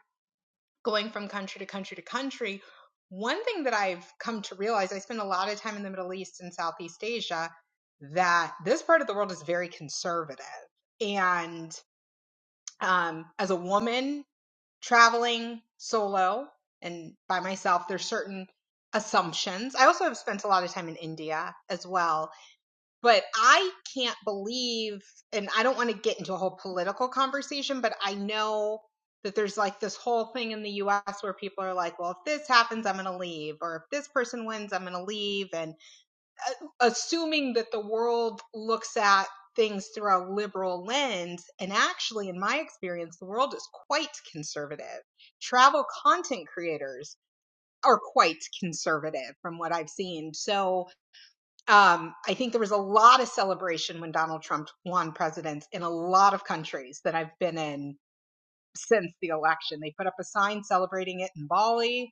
Speaker 2: going from country to country to country, one thing that I've come to realize I spend a lot of time in the Middle East and Southeast Asia that this part of the world is very conservative. And um, as a woman traveling solo and by myself, there's certain assumptions. I also have spent a lot of time in India as well, but I can't believe, and I don't want to get into a whole political conversation, but I know that there's like this whole thing in the US where people are like, well, if this happens, I'm going to leave, or if this person wins, I'm going to leave. And assuming that the world looks at things through a liberal lens. And actually, in my experience, the world is quite conservative. Travel content creators are quite conservative from what I've seen. So um, I think there was a lot of celebration when Donald Trump won president in a lot of countries that I've been in since the election. They put up a sign celebrating it in Bali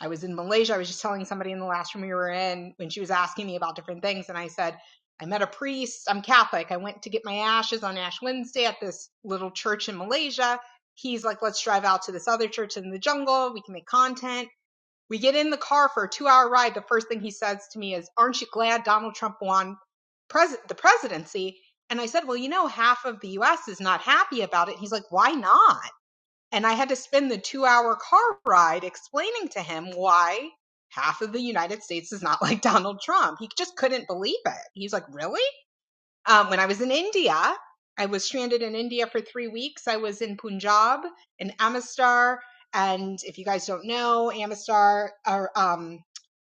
Speaker 2: I was in Malaysia. I was just telling somebody in the last room we were in when she was asking me about different things. And I said, I met a priest. I'm Catholic. I went to get my ashes on Ash Wednesday at this little church in Malaysia. He's like, let's drive out to this other church in the jungle. We can make content. We get in the car for a two hour ride. The first thing he says to me is, Aren't you glad Donald Trump won pres- the presidency? And I said, Well, you know, half of the US is not happy about it. He's like, Why not? And I had to spend the two hour car ride explaining to him why half of the United States is not *laughs* like Donald Trump. He just couldn't believe it. He's like, really? Um, when I was in India, I was stranded in India for three weeks. I was in Punjab, in Amistar. And if you guys don't know, Amistar or um,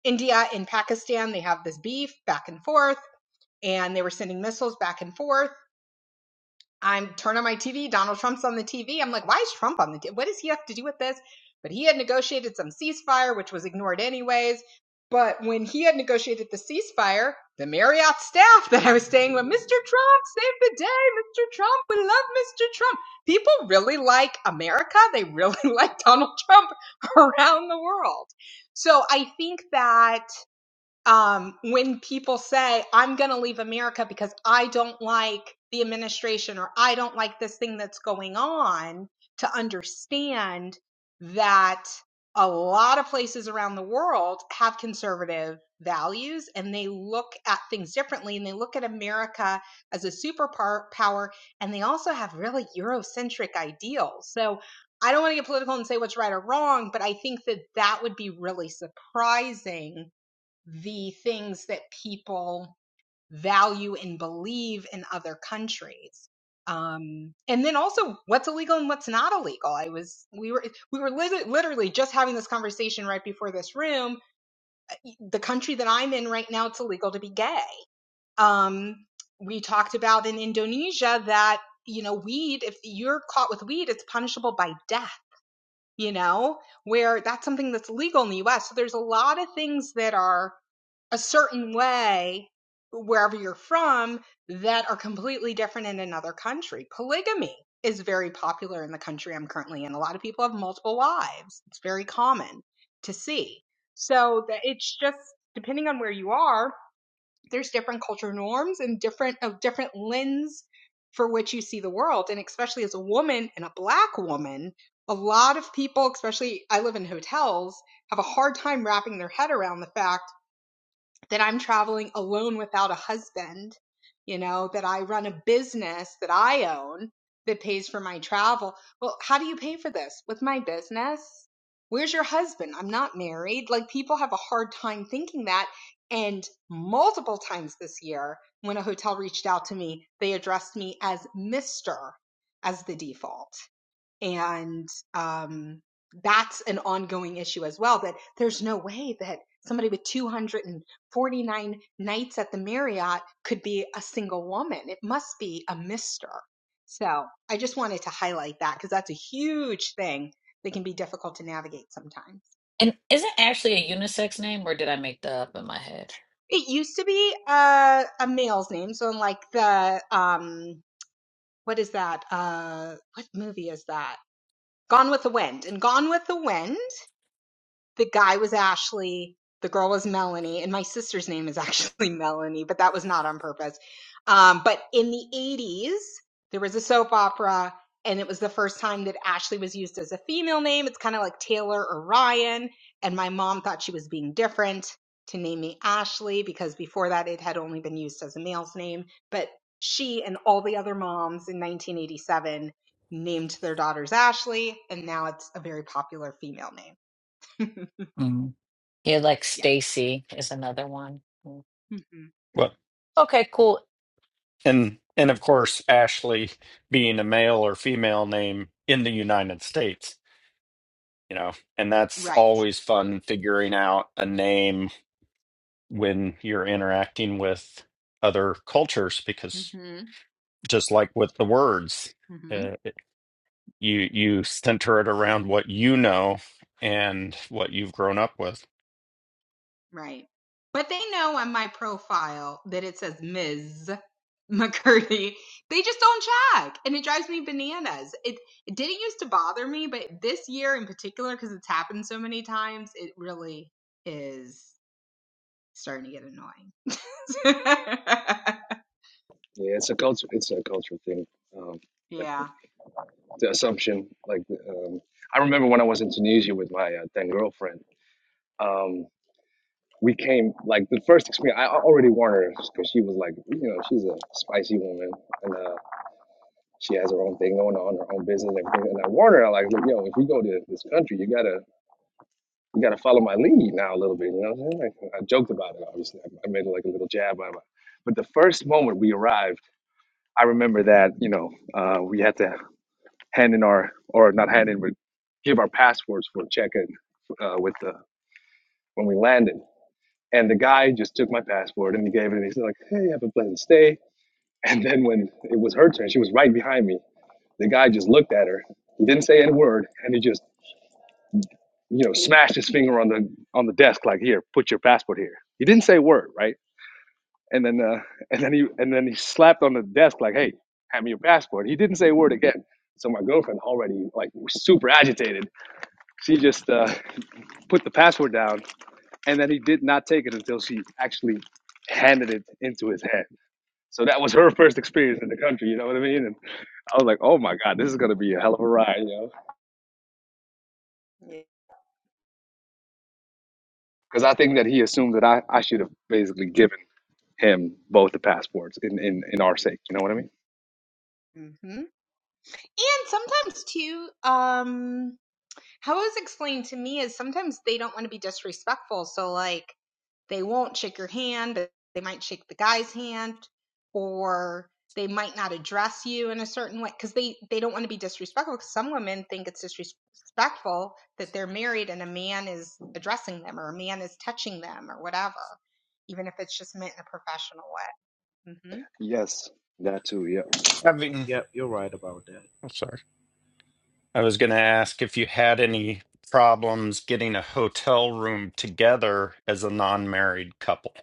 Speaker 2: India and Pakistan, they have this beef back and forth, and they were sending missiles back and forth. I'm turning on my TV. Donald Trump's on the TV. I'm like, why is Trump on the TV? What does he have to do with this? But he had negotiated some ceasefire, which was ignored anyways. But when he had negotiated the ceasefire, the Marriott staff that I was staying with, Mr. Trump, save the day, Mr. Trump, we love Mr. Trump. People really like America. They really *laughs* like Donald Trump *laughs* around the world. So I think that um, when people say, I'm going to leave America because I don't like the administration or I don't like this thing that's going on, to understand that a lot of places around the world have conservative values and they look at things differently and they look at America as a superpower and they also have really Eurocentric ideals. So I don't want to get political and say what's right or wrong, but I think that that would be really surprising the things that people value and believe in other countries. Um, and then also what's illegal and what's not illegal. I was, we were, we were lit- literally just having this conversation right before this room. E, The country that I'm in right now, it's illegal to be gay. Um, we talked about in Indonesia that, you know, weed, if you're caught with weed, it's punishable by death you know, where that's something that's legal in the US. So there's a lot of things that are a certain way wherever you're from that are completely different in another country. Polygamy is very popular in the country I'm currently in. A lot of people have multiple wives. It's very common to see. So that it's just depending on where you are, there's different culture norms and different of different lens for which you see the world and especially as a woman and a black woman a lot of people especially i live in hotels have a hard time wrapping their head around the fact that I'm traveling alone without a husband, you know, that I run a business that I own that pays for my travel. Well, how do you pay for this? With my business? Where's your husband? I'm not married. Like people have a hard time thinking that. And multiple times this year, when a hotel reached out to me, they addressed me as Mr. as the default and um, that's an ongoing issue as well that there's no way that somebody with 249 nights at the marriott could be a single woman it must be a mister so i just wanted to highlight that because that's a huge thing that can be difficult to navigate sometimes
Speaker 1: And is it actually a unisex name, or did I make that up in my head?
Speaker 2: it used to be uh, a male's name so in like the um what is that uh what movie is that gone with the wind and gone with the wind the guy was Ashley, the girl was Melanie, and my sister's name is *laughs* actually Melanie, but that was not on purpose. Um, but in the 80s, there was a soap opera, and it was the first time that Ashley was used as a female name. It's kind of like Taylor or Ryan, and my mom thought she was being different to name me Ashley because before that it had only been used as a male's name, but she and all the other moms in 1987 named their daughters Ashley, and now it's a very popular female name. *laughs*
Speaker 1: Mm. Yeah, like
Speaker 2: Yeah.
Speaker 1: Stacy is another one. Mm.
Speaker 2: hmm
Speaker 7: But
Speaker 1: Okay, cool.
Speaker 7: and and of course, Ashley being a male or female name in the United States, you know, and that's
Speaker 2: Right.
Speaker 7: always fun figuring out a name when you're interacting with other cultures because
Speaker 2: hmm
Speaker 7: just like with the words,
Speaker 2: hmm
Speaker 7: uh, it- you you center it around what you know and what you've grown up with.
Speaker 2: Right. But they know on my profile that it says Ms. *laughs* McCurdy. They just don't check, and it drives me bananas. It it didn't used to bother me, but this year in particular, because it's happened so many times, it really is starting to get annoying.
Speaker 4: Yeah, it's a culture. It's a cultural thing. Um,
Speaker 2: *laughs* yeah.
Speaker 4: definitely. The assumption, like, um, I remember when I was in Tunisia with my uh, then girlfriend. Um, we came like the first experience. I already warned her because she was like, you know, she's a spicy woman and uh, she has her own thing going on, her own business, and everything. And I warned her, I like, look, yo, if we go to this country, you gotta, you gotta follow my lead now a little bit. You know, what I'm saying? like I joked about it. Obviously, I, made like a little jab out it. But the first moment we arrived, I remember that you know uh, we had to hand in our, or not hand in, but give our passports for check-in uh, with the when we landed And the guy just took my passport and he gave it and he's like, Hey, have a pleasant stay. And then when it was her turn, she was right behind me. The guy just looked at her. He didn't say any word and he just, you know, smashed his finger on the on the desk like, here, put your passport here. He didn't say a word, right? And then uh, and then he and then he slapped on the desk like, Hey, hand me your passport. He didn't say a word again. So my girlfriend already like super agitated. She just uh, put the passport down and then he did not take it until she actually handed it into his hand So that was *laughs* her first experience in the country, you know what I mean? And I was like, oh my God, this is going to be a hell of a ride, you know?
Speaker 2: Yeah.
Speaker 4: Because I think that he assumed that I, I should have basically given him both the passports in, in, in our sake, you know what I mean?
Speaker 2: hmm And sometimes too, um, how it was explained to me is sometimes they don't want to be disrespectful, so like they won't shake your hand, but they might shake the guy's hand, or they might not address you in a certain way because they they don't want to be disrespectful. Because some women think it's disrespectful that they're married and a man is addressing them or a man is touching them or whatever, even if it's just meant in a professional way. hmm
Speaker 4: Yes, that too, yeah.
Speaker 7: Having,
Speaker 8: Yep, you're right about that.
Speaker 7: I'm sorry. I was going to ask if you had any problems getting a hotel room together as a non-married couple.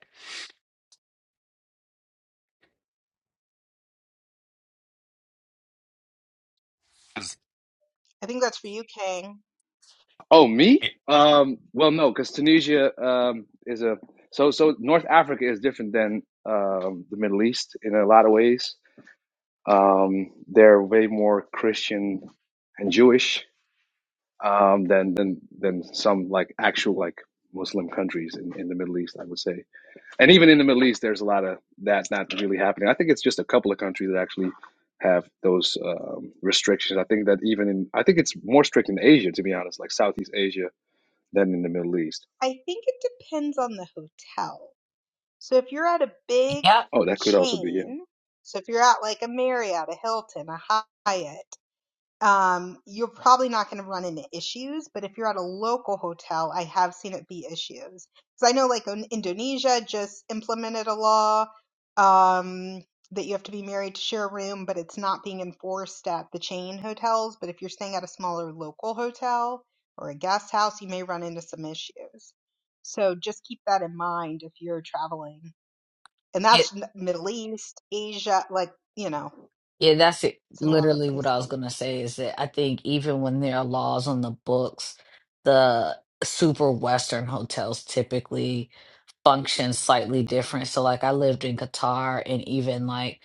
Speaker 7: 'Cause
Speaker 2: I think that's for you, Kang.
Speaker 4: Oh, me?
Speaker 7: it-
Speaker 4: Um, well, no, because Tunisia um, is a. So, so North Africa is different than um, the Middle East in a lot of ways. Um, they're way more Christian and Jewish um, than than than some like actual like Muslim countries in, in the Middle East, I would say. And even in the Middle East, there's a lot of that not really happening. I think it's just a couple of countries that actually have those um, restrictions. I think that even in I think it's more strict in Asia, to be honest, like Southeast Asia than in the Middle East.
Speaker 2: I think it depends on the hotel. So if you're at a big
Speaker 1: Yep.
Speaker 4: Oh, that could also be yeah,
Speaker 2: chain, so if you're at like a Marriott, a Hilton, a Hyatt, um, you're probably not going to run into issues. But if you're at a local hotel, I have seen it be issues. Because I know like in Indonesia just implemented a law um, that you have to be married to share a room, but it's not being enforced at the chain hotels. But if you're staying at a smaller local hotel or a guest house, you may run into some issues. So just keep that in mind if you're traveling and that's n- Middle East, Asia, like, you know,
Speaker 1: Yeah, that's it.
Speaker 2: it's in a lot of
Speaker 1: Literally, what I was
Speaker 2: places.
Speaker 1: going to say is that I think even when there are laws on the books, the super Western hotels typically function slightly different. So, like, I lived in Qatar, and even like,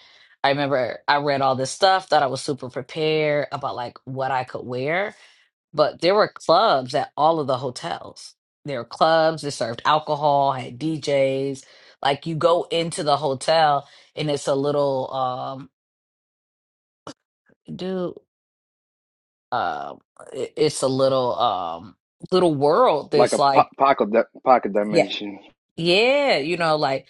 Speaker 1: I remember I read all this stuff, thought I was super prepared about like what I could wear, but there were clubs at all of the hotels. There were clubs that served alcohol, had DJs. Like, you go into the hotel, and it's a little, um, dude. uh i- it's a little um little world
Speaker 4: like
Speaker 1: that's
Speaker 4: a po-
Speaker 1: like
Speaker 4: pocket di- pocket
Speaker 1: yeah
Speaker 4: dimension.
Speaker 1: yeah you know like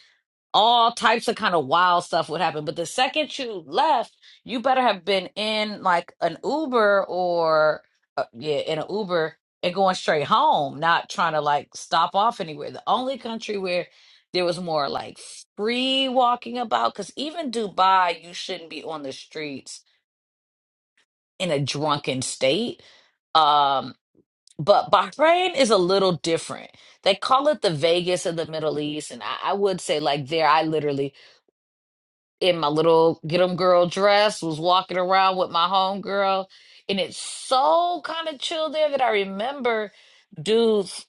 Speaker 1: all types of kind of wild stuff would happen but the second you left you better have been in like an uber or uh, yeah in an uber and going straight home not trying to like stop off anywhere the only country where there was more like free walking about because even dubai you shouldn't be on the streets in a drunken state um, But Bahrain is a little different. They call it the Vegas of the Middle East. And I, I would say, like, there, I literally, in my little get 'em girl dress, was walking around with my homegirl. And it's so kind of chill there that I remember dudes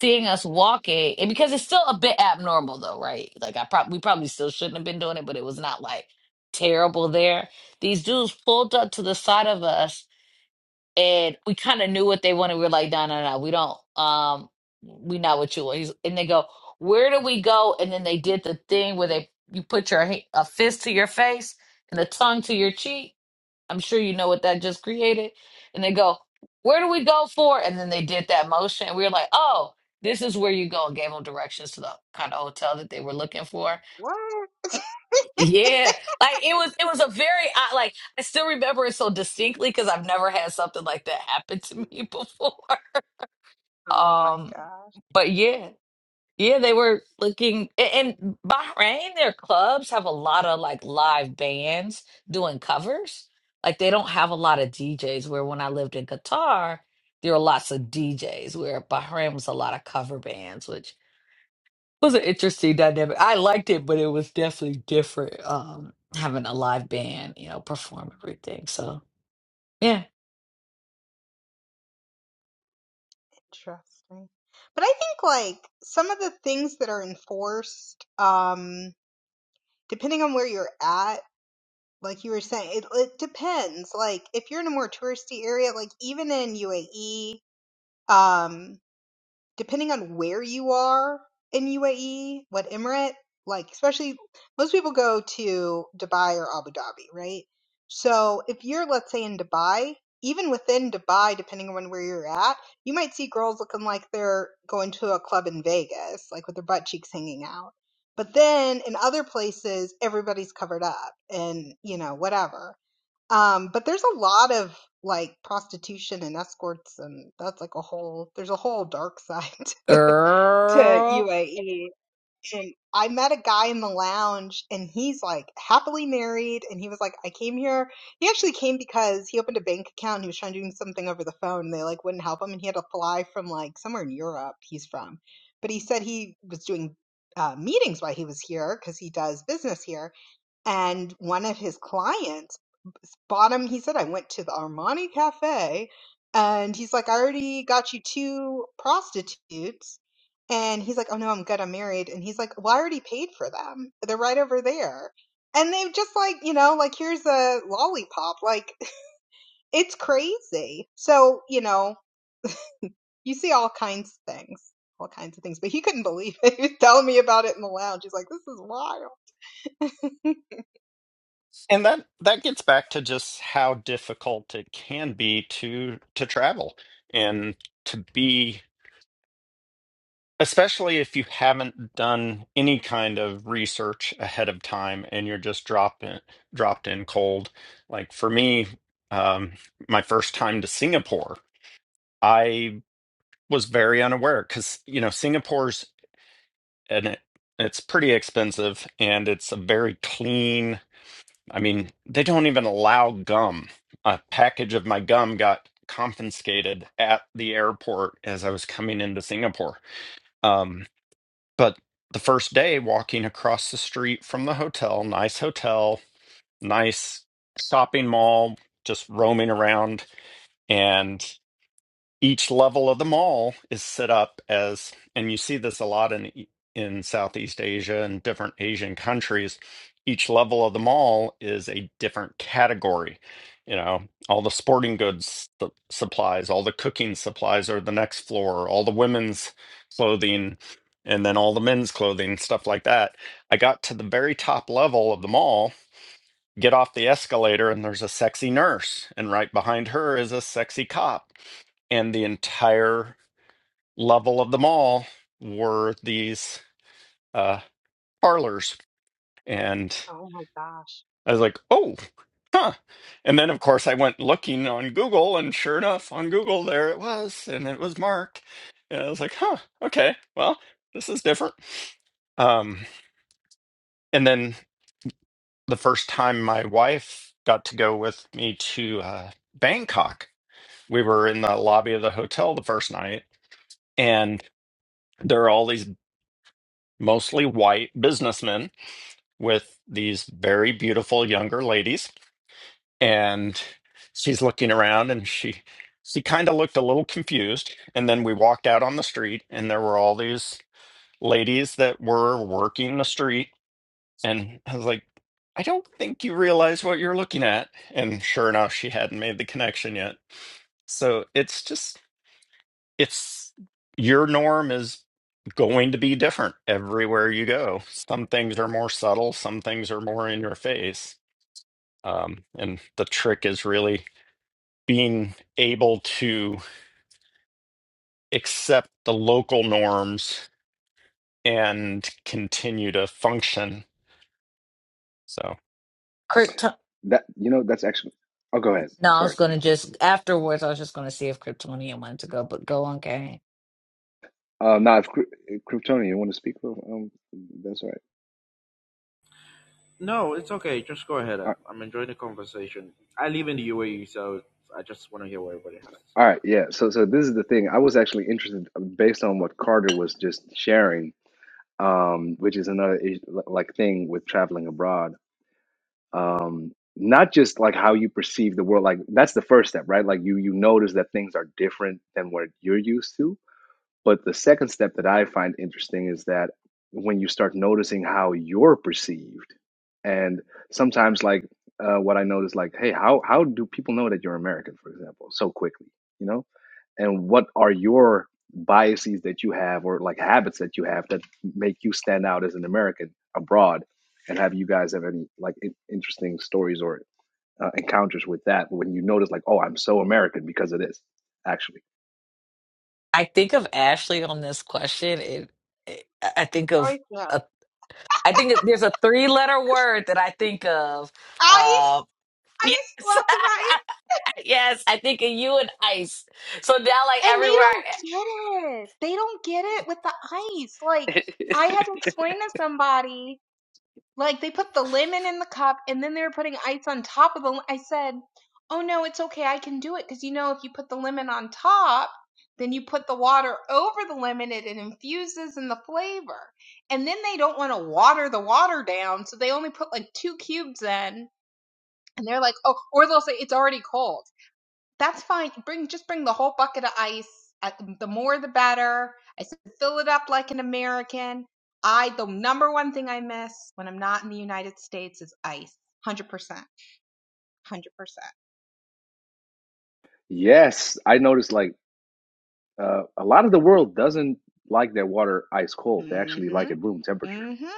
Speaker 1: seeing us walking. And because it's still a bit abnormal, though, right? Like, I probably, we probably still shouldn't have been doing it, but it was not like terrible there. These dudes pulled up to the side of us and we kind of knew what they wanted. We were like, no, no, no, we don't. Um, we not what you want. He's, and they go, where do we go? And then they did the thing where they you put your ha- a fist to your face and a tongue to your cheek. I'm sure you know what that just created. And they go, where do we go for? And then they did that motion. And we were like, oh, this is where you go. And gave them directions to the kind of hotel that they were looking for.
Speaker 2: What?
Speaker 1: Yeah, like it was it was a very odd like I still remember it so distinctly because I've never had something like that happen to me *laughs* before.
Speaker 2: Oh my
Speaker 1: Um,
Speaker 2: gosh,
Speaker 1: but yeah, yeah, they were looking a- and Bahrain, their clubs have a lot of like live bands doing covers. Like they don't have a lot of DJs where when I lived in Qatar, there were lots of DJs where Bahrain was a lot of cover bands, which was an interesting dynamic. I liked it, but it was definitely different. Um, having a live band, you know, perform everything. So yeah,
Speaker 2: interesting. But I think like some of the things that are enforced, um, depending on where you're at, like you were saying, it, it depends. Like if you're in a more touristy area, like even in UAE, depending on where you are in UAE, what emirate, like especially most people go to Dubai or Abu Dhabi, right? So if you're let's say in Dubai, even within Dubai, depending on where you're at, you might see girls looking like they're going to a club in Vegas, like with their butt cheeks hanging out. But then in other places, everybody's covered up and, you know, whatever. Um, but there's a lot of like prostitution and escorts, and that's like a whole, there's a whole dark side *laughs* to
Speaker 1: girl,
Speaker 2: UAE. And I met a guy in the lounge, and he's like happily married, and he was like, I came here. He actually came because he opened a bank account and he was trying to do something over the phone, and they like wouldn't help him, and he had to fly from like somewhere in Europe he's from. But he said he was doing uh, meetings while he was here because he does business here and one of his clients bought him. He said, I went to the Armani Cafe and he's like, I already got you two prostitutes. And he's like, Oh no, I'm good. I'm married. And he's like, Well, I already paid for them. They're right over there. And they've just like, you know, like here's a lollipop. Like *laughs* it's crazy. So, you know, you see all kinds of things, all kinds of things. But he couldn't believe it. *laughs* He was telling me about it in the lounge. He's like, This is wild. *laughs*
Speaker 7: And that that gets back to just how difficult it can be to to travel and to be especially if you haven't done any kind of research ahead of time and you're just dropped in, dropped in cold. Like for me, um, my first time to Singapore, I was very unaware because you know Singapore's and it it's pretty expensive and it's a very clean i mean they don't even allow gum a package of my gum got confiscated at the airport as i was coming into singapore um, but the first day walking across the street from the hotel nice hotel nice shopping mall just roaming around and each level of the mall is set up as and you see this a lot in in Southeast Asia and different Asian countries each level of the mall is a different category you know all the sporting goods su- supplies all the cooking supplies are the next floor all the women's clothing and then all the men's clothing stuff like that i got to the very top level of the mall get off the escalator and there's a sexy nurse and right behind her is a sexy cop and the entire level of the mall were these uh, parlors. And
Speaker 2: oh my gosh.
Speaker 7: I was like, oh, huh. And then, of course, I went looking on Google, and sure enough, on Google, there it was, and it was marked. And I was like, huh, okay, well, this is different. Um, and then the first time my wife got to go with me to uh, Bangkok, we were in the lobby of the hotel the first night, and there are all these mostly white businessmen with these very beautiful younger ladies and she's looking around and she she kind of looked a little confused and then we walked out on the street and there were all these ladies that were working the street and I was like I don't think you realize what you're looking at and sure enough she hadn't made the connection yet so it's just it's your norm is going to be different everywhere you go some things are more subtle some things are more in your face Um, and the trick is really being able to accept the local norms and continue to function. So
Speaker 1: Krypton.
Speaker 4: That you know, that's actually. Oh, go ahead.
Speaker 1: No, I was
Speaker 4: Sorry,
Speaker 1: gonna
Speaker 4: Theo.
Speaker 1: just afterwards. I was just gonna see if Kryptonian wanted to go, but go on, gang.
Speaker 4: Uh, now, if Kry- Kryptonian, you want to speak? Well, Um, that's all right.
Speaker 8: No, it's okay. Just go ahead up. I'm enjoying the conversation. I live in the UAE, so I just want to hear what everybody has to say.
Speaker 4: All right, yeah. So, so this is the thing. I was actually interested um, based on what Carter was just sharing, um, which is another is- like thing with traveling abroad. Um, not just like how you perceive the world. Like that's the first step, right? Like you you notice that things are different than what you're used to. But the second step that I find interesting is that when you start noticing how you're perceived, and sometimes like uh, what I notice, like, hey, how how do people know that you're American, for example, so quickly? You know and what are your biases that you have or like habits that you have that make you stand out as an American abroad and have you guys have any like in- interesting stories or uh, encounters with that when you notice like oh I'm so American because of this actually
Speaker 1: I think of Ashley on this question. It, it I think
Speaker 2: I
Speaker 1: of
Speaker 2: know.
Speaker 1: a. I think it- there's a three-letter word that I think of. Uh,
Speaker 2: ice,
Speaker 1: yes,
Speaker 2: ice,
Speaker 1: *laughs*
Speaker 2: lots of ice. *laughs*
Speaker 1: yes, I think of you and ice. So now, like
Speaker 2: And they
Speaker 1: everywhere,
Speaker 2: don't get it. They don't get it with the ice. Like, I had to explain to somebody, like, they put the lemon in the cup and then they were putting ice on top of the. l- I said, Oh no, it's okay. I can do it. Because, you know, if you put the lemon on top, then you put the water over the lemon and it infuses in the flavor. And then they don't want to water the water down. So they only put like two cubes in. And they're like, Oh, or they'll say it's already cold. That's fine. Bring just bring the whole bucket of ice. Uh, The more the better. I said fill it up like an American. I the number one thing I miss when I'm not in the United States is ice. Hundred percent. Hundred percent.
Speaker 4: yes I noticed like uh, a lot of the world doesn't like their water ice cold they
Speaker 2: mm
Speaker 4: actually like
Speaker 2: Mhm.
Speaker 4: it room temperature
Speaker 2: mm Mhm.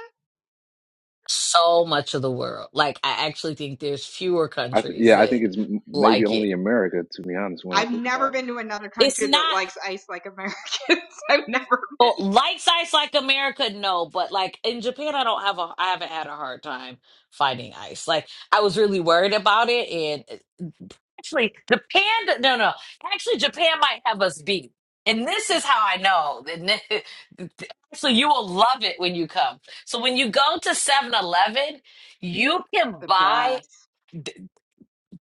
Speaker 1: so much of the world. Like I actually think there's fewer
Speaker 4: I th-
Speaker 1: countries
Speaker 4: yeah I think
Speaker 1: that
Speaker 4: it's m- maybe
Speaker 1: like it.
Speaker 4: only America to be honest when I
Speaker 2: I've
Speaker 4: think
Speaker 2: never
Speaker 4: about it
Speaker 2: been to another
Speaker 1: It's
Speaker 2: country that
Speaker 1: not
Speaker 2: likes ice like Americans. *laughs* I've never
Speaker 1: oh,
Speaker 2: been.
Speaker 1: like size like America, no, but like in Japan, I don't have a I haven't had a hard time finding ice. Like I was really worried about it, and eh, actually Japan, no, no, actually Japan might have us beat. And this is how I know. And th- *laughs* Actually, you will love it when you come. So when you go to Seven Eleven, you can
Speaker 2: The
Speaker 1: buy.
Speaker 2: best.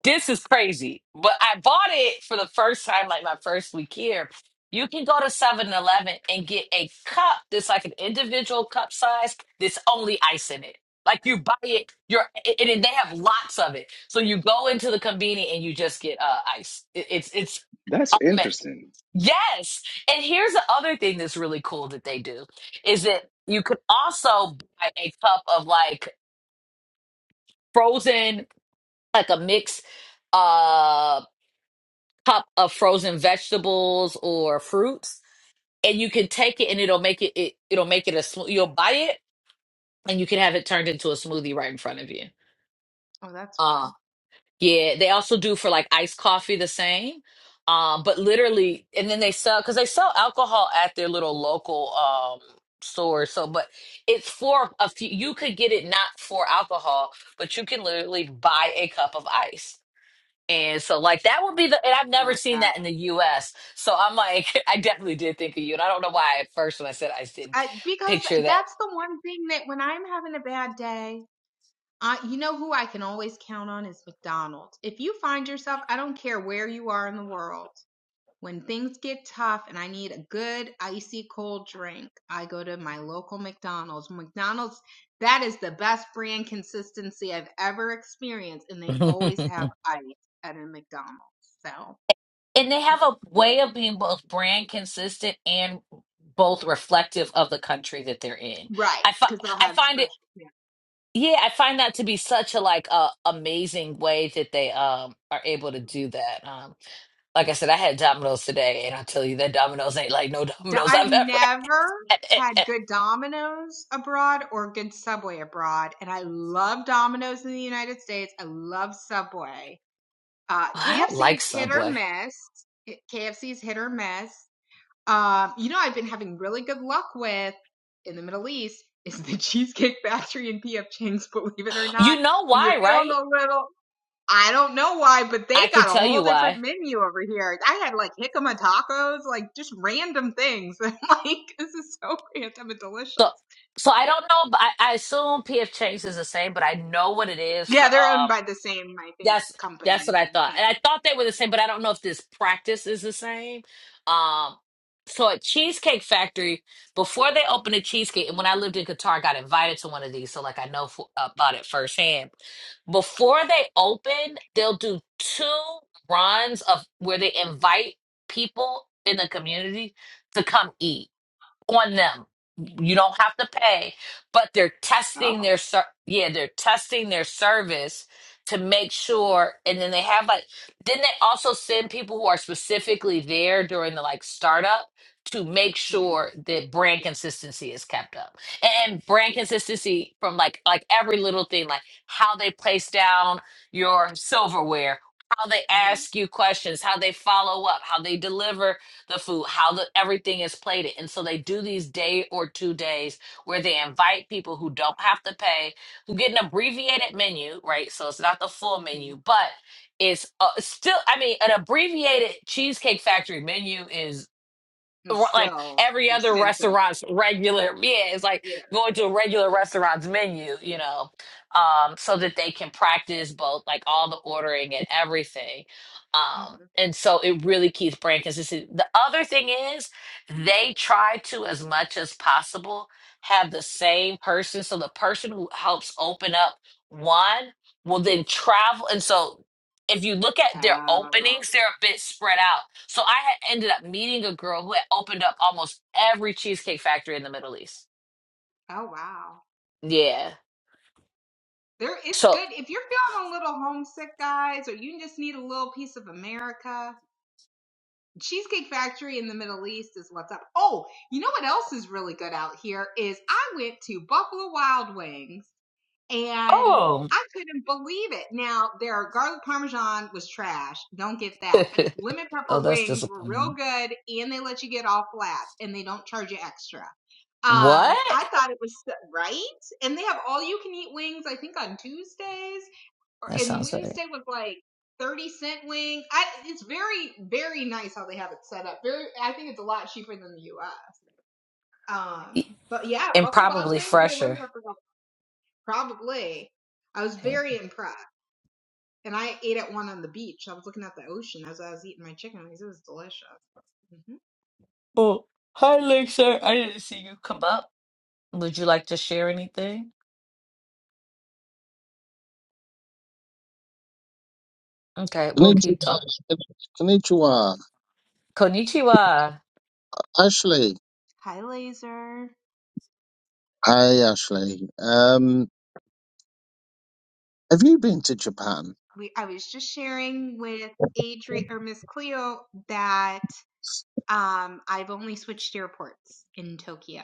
Speaker 1: This is crazy. But I bought it for the first time, like my first week here. You can go to Seven Eleven and get a cup that's like an individual cup size that's only ice in it. Like you buy it, you're, and and they have lots of it. So you go into the convenience and you just get uh, ice. It, it's, it's,
Speaker 4: that's
Speaker 1: ama-
Speaker 4: interesting
Speaker 1: yes. And here's the other thing that's really cool that they do is that you could also buy a cup of like frozen, like a mix uh, cup of frozen vegetables or fruits and you can take it and it'll make it, it it'll make it a smooth you'll buy it and you can have it turned into a smoothie right in front of you
Speaker 2: Oh, that's
Speaker 1: uh
Speaker 2: fun.
Speaker 1: yeah they also do for like iced coffee the same um but literally and then they sell because they sell alcohol at their little local um store so but it's for a few you could get it not for alcohol but you can literally buy a cup of ice and so, like, that would be the, and I've
Speaker 2: I
Speaker 1: never
Speaker 2: love
Speaker 1: seen
Speaker 2: that.
Speaker 1: that in the US. So I'm like, *laughs* I definitely did think of you. And I don't know why at first when I said I didn't
Speaker 2: I, because
Speaker 1: picture that.
Speaker 2: that's the one thing that when I'm having a bad day, I, you know who I can always count on is McDonald's. If you find yourself, I don't care where you are in the world, when things get tough and I need a good icy cold drink, I go to my local McDonald's. McDonald's, that is the best brand consistency I've ever experienced, and they
Speaker 1: *laughs*
Speaker 2: always have ice at a McDonald's. So,
Speaker 1: and they have a way of being both brand consistent and both reflective of the country that they're in.
Speaker 2: right,
Speaker 1: I, fi-
Speaker 2: because they'll
Speaker 1: I
Speaker 2: have
Speaker 1: find
Speaker 2: special.
Speaker 1: it,
Speaker 2: Yeah.
Speaker 1: yeah, I find that to be such a like uh, amazing way that they um are able to do that. Um, like I said, I had Domino's today, and I tell you that Domino's ain't like no *laughs*
Speaker 2: D-
Speaker 1: Domino's
Speaker 2: I've
Speaker 1: I've ever
Speaker 2: never
Speaker 1: had.
Speaker 2: had good Domino's abroad or good Subway abroad, and I love Domino's in the United States. I love Subway. Uh,
Speaker 1: *laughs* I don't
Speaker 2: KFC
Speaker 1: like
Speaker 2: is hit or
Speaker 1: Subway.
Speaker 2: miss. It- KFC is hit or miss. Um, you know, I've been having really good luck with in the Middle East is the *laughs* Cheesecake Factory and P.F. Chang's. Believe it or not,
Speaker 1: You know
Speaker 2: when you're
Speaker 1: why,
Speaker 2: feeling
Speaker 1: right?
Speaker 2: a little I don't know why, but they
Speaker 1: I can
Speaker 2: got a
Speaker 1: tell
Speaker 2: whole
Speaker 1: you
Speaker 2: different
Speaker 1: why.
Speaker 2: menu over here. I had like jicama tacos, like just random things. *laughs* I'm like, this is so random and delicious.
Speaker 1: So, so I don't know. but I, I assume PF Chang's is the same, but I know what it is
Speaker 2: Yeah,
Speaker 1: for.
Speaker 2: they're owned
Speaker 1: Um,
Speaker 2: by the same, I think,
Speaker 1: That's
Speaker 2: company.
Speaker 1: that's what
Speaker 2: I
Speaker 1: I
Speaker 2: think.
Speaker 1: thought.
Speaker 2: Yeah.
Speaker 1: And I thought they were the same, but I don't know if this practice is the same. Um so at Cheesecake Factory, before they opened a cheesecake, and when I lived in Qatar, I got invited to one of these, so like I know for, about it firsthand. Before they open, they'll do two runs of where they invite people in the community to come eat on them. You don't have to pay, but they're testing
Speaker 2: Oh.
Speaker 1: their ser- yeah, they're testing their service to make sure. And then they have like, then they also send people who are specifically there during the like startup to make
Speaker 2: Mm-hmm.
Speaker 1: sure that brand consistency is kept up and brand consistency from like like every little thing, like how they place down your silverware, how they
Speaker 2: hmm
Speaker 1: ask you questions, how they follow up, how they deliver the food, how the everything is plated. And so they do these day or two days where they invite people who don't have to pay, who get an abbreviated menu, right? So it's not the full
Speaker 2: hmm
Speaker 1: menu, but it's uh, still, I mean, an abbreviated Cheesecake Factory menu is
Speaker 2: It's
Speaker 1: like
Speaker 2: still
Speaker 1: every other
Speaker 2: extensive.
Speaker 1: restaurant's regular yeah it's like
Speaker 2: Yeah.
Speaker 1: going to a regular restaurant's menu you know um so that they can practice both like all the ordering and everything
Speaker 2: Mhm.
Speaker 1: um and so it really keeps brand consistency the other thing is they try to as much as possible have the same person so the person who helps open up one will then travel and so if you look at their
Speaker 2: Oh.
Speaker 1: openings, they're a bit spread out. So I had ended up meeting a girl who had opened up almost every cheesecake factory in the Middle East.
Speaker 2: Oh wow.
Speaker 1: Yeah.
Speaker 2: There, it's
Speaker 1: So
Speaker 2: good if you're feeling a little homesick, guys, or you just need a little piece of America. Cheesecake Factory in the Middle East is what's up. Oh, you know what else is really good out here is I went to Buffalo Wild Wings and
Speaker 1: oh,
Speaker 2: I couldn't believe it. Now their garlic parmesan was trash. Don't get that.
Speaker 1: *laughs*
Speaker 2: But lemon
Speaker 1: Oh,
Speaker 2: pepper
Speaker 1: that's
Speaker 2: wings were real
Speaker 1: disappointing.
Speaker 2: good and they let you get all flats and they don't charge you extra. Um,
Speaker 1: what?
Speaker 2: I thought it was so- right. And they have all you can eat wings, I think on Tuesdays or
Speaker 1: That
Speaker 2: and
Speaker 1: sounds very.
Speaker 2: Wednesday was like thirty cent wing. I it's very very nice how they have it set up. Very, I think it's a lot cheaper than the U.S. Um, but yeah,
Speaker 1: And
Speaker 2: Buffalo Wild
Speaker 1: probably
Speaker 2: Wings they're eleven
Speaker 1: fresher.
Speaker 2: for probably. I was
Speaker 1: Okay.
Speaker 2: very impressed, and I ate at one on the beach. I was looking at the ocean as I was eating my chicken wings. It was delicious. hmm
Speaker 1: Oh, hi, Lexer. I didn't see you come up. Would you like to share anything? Okay, we'll keep
Speaker 9: Konnichiwa.
Speaker 1: talking.
Speaker 9: Konnichiwa.
Speaker 1: Konnichiwa.
Speaker 9: Ashley.
Speaker 2: Hi, Laser.
Speaker 9: Hi, Ashley. Um, have you been to Japan?
Speaker 2: We I was just sharing with Adri or Miss Cleo that Um, I've only switched airports in Tokyo,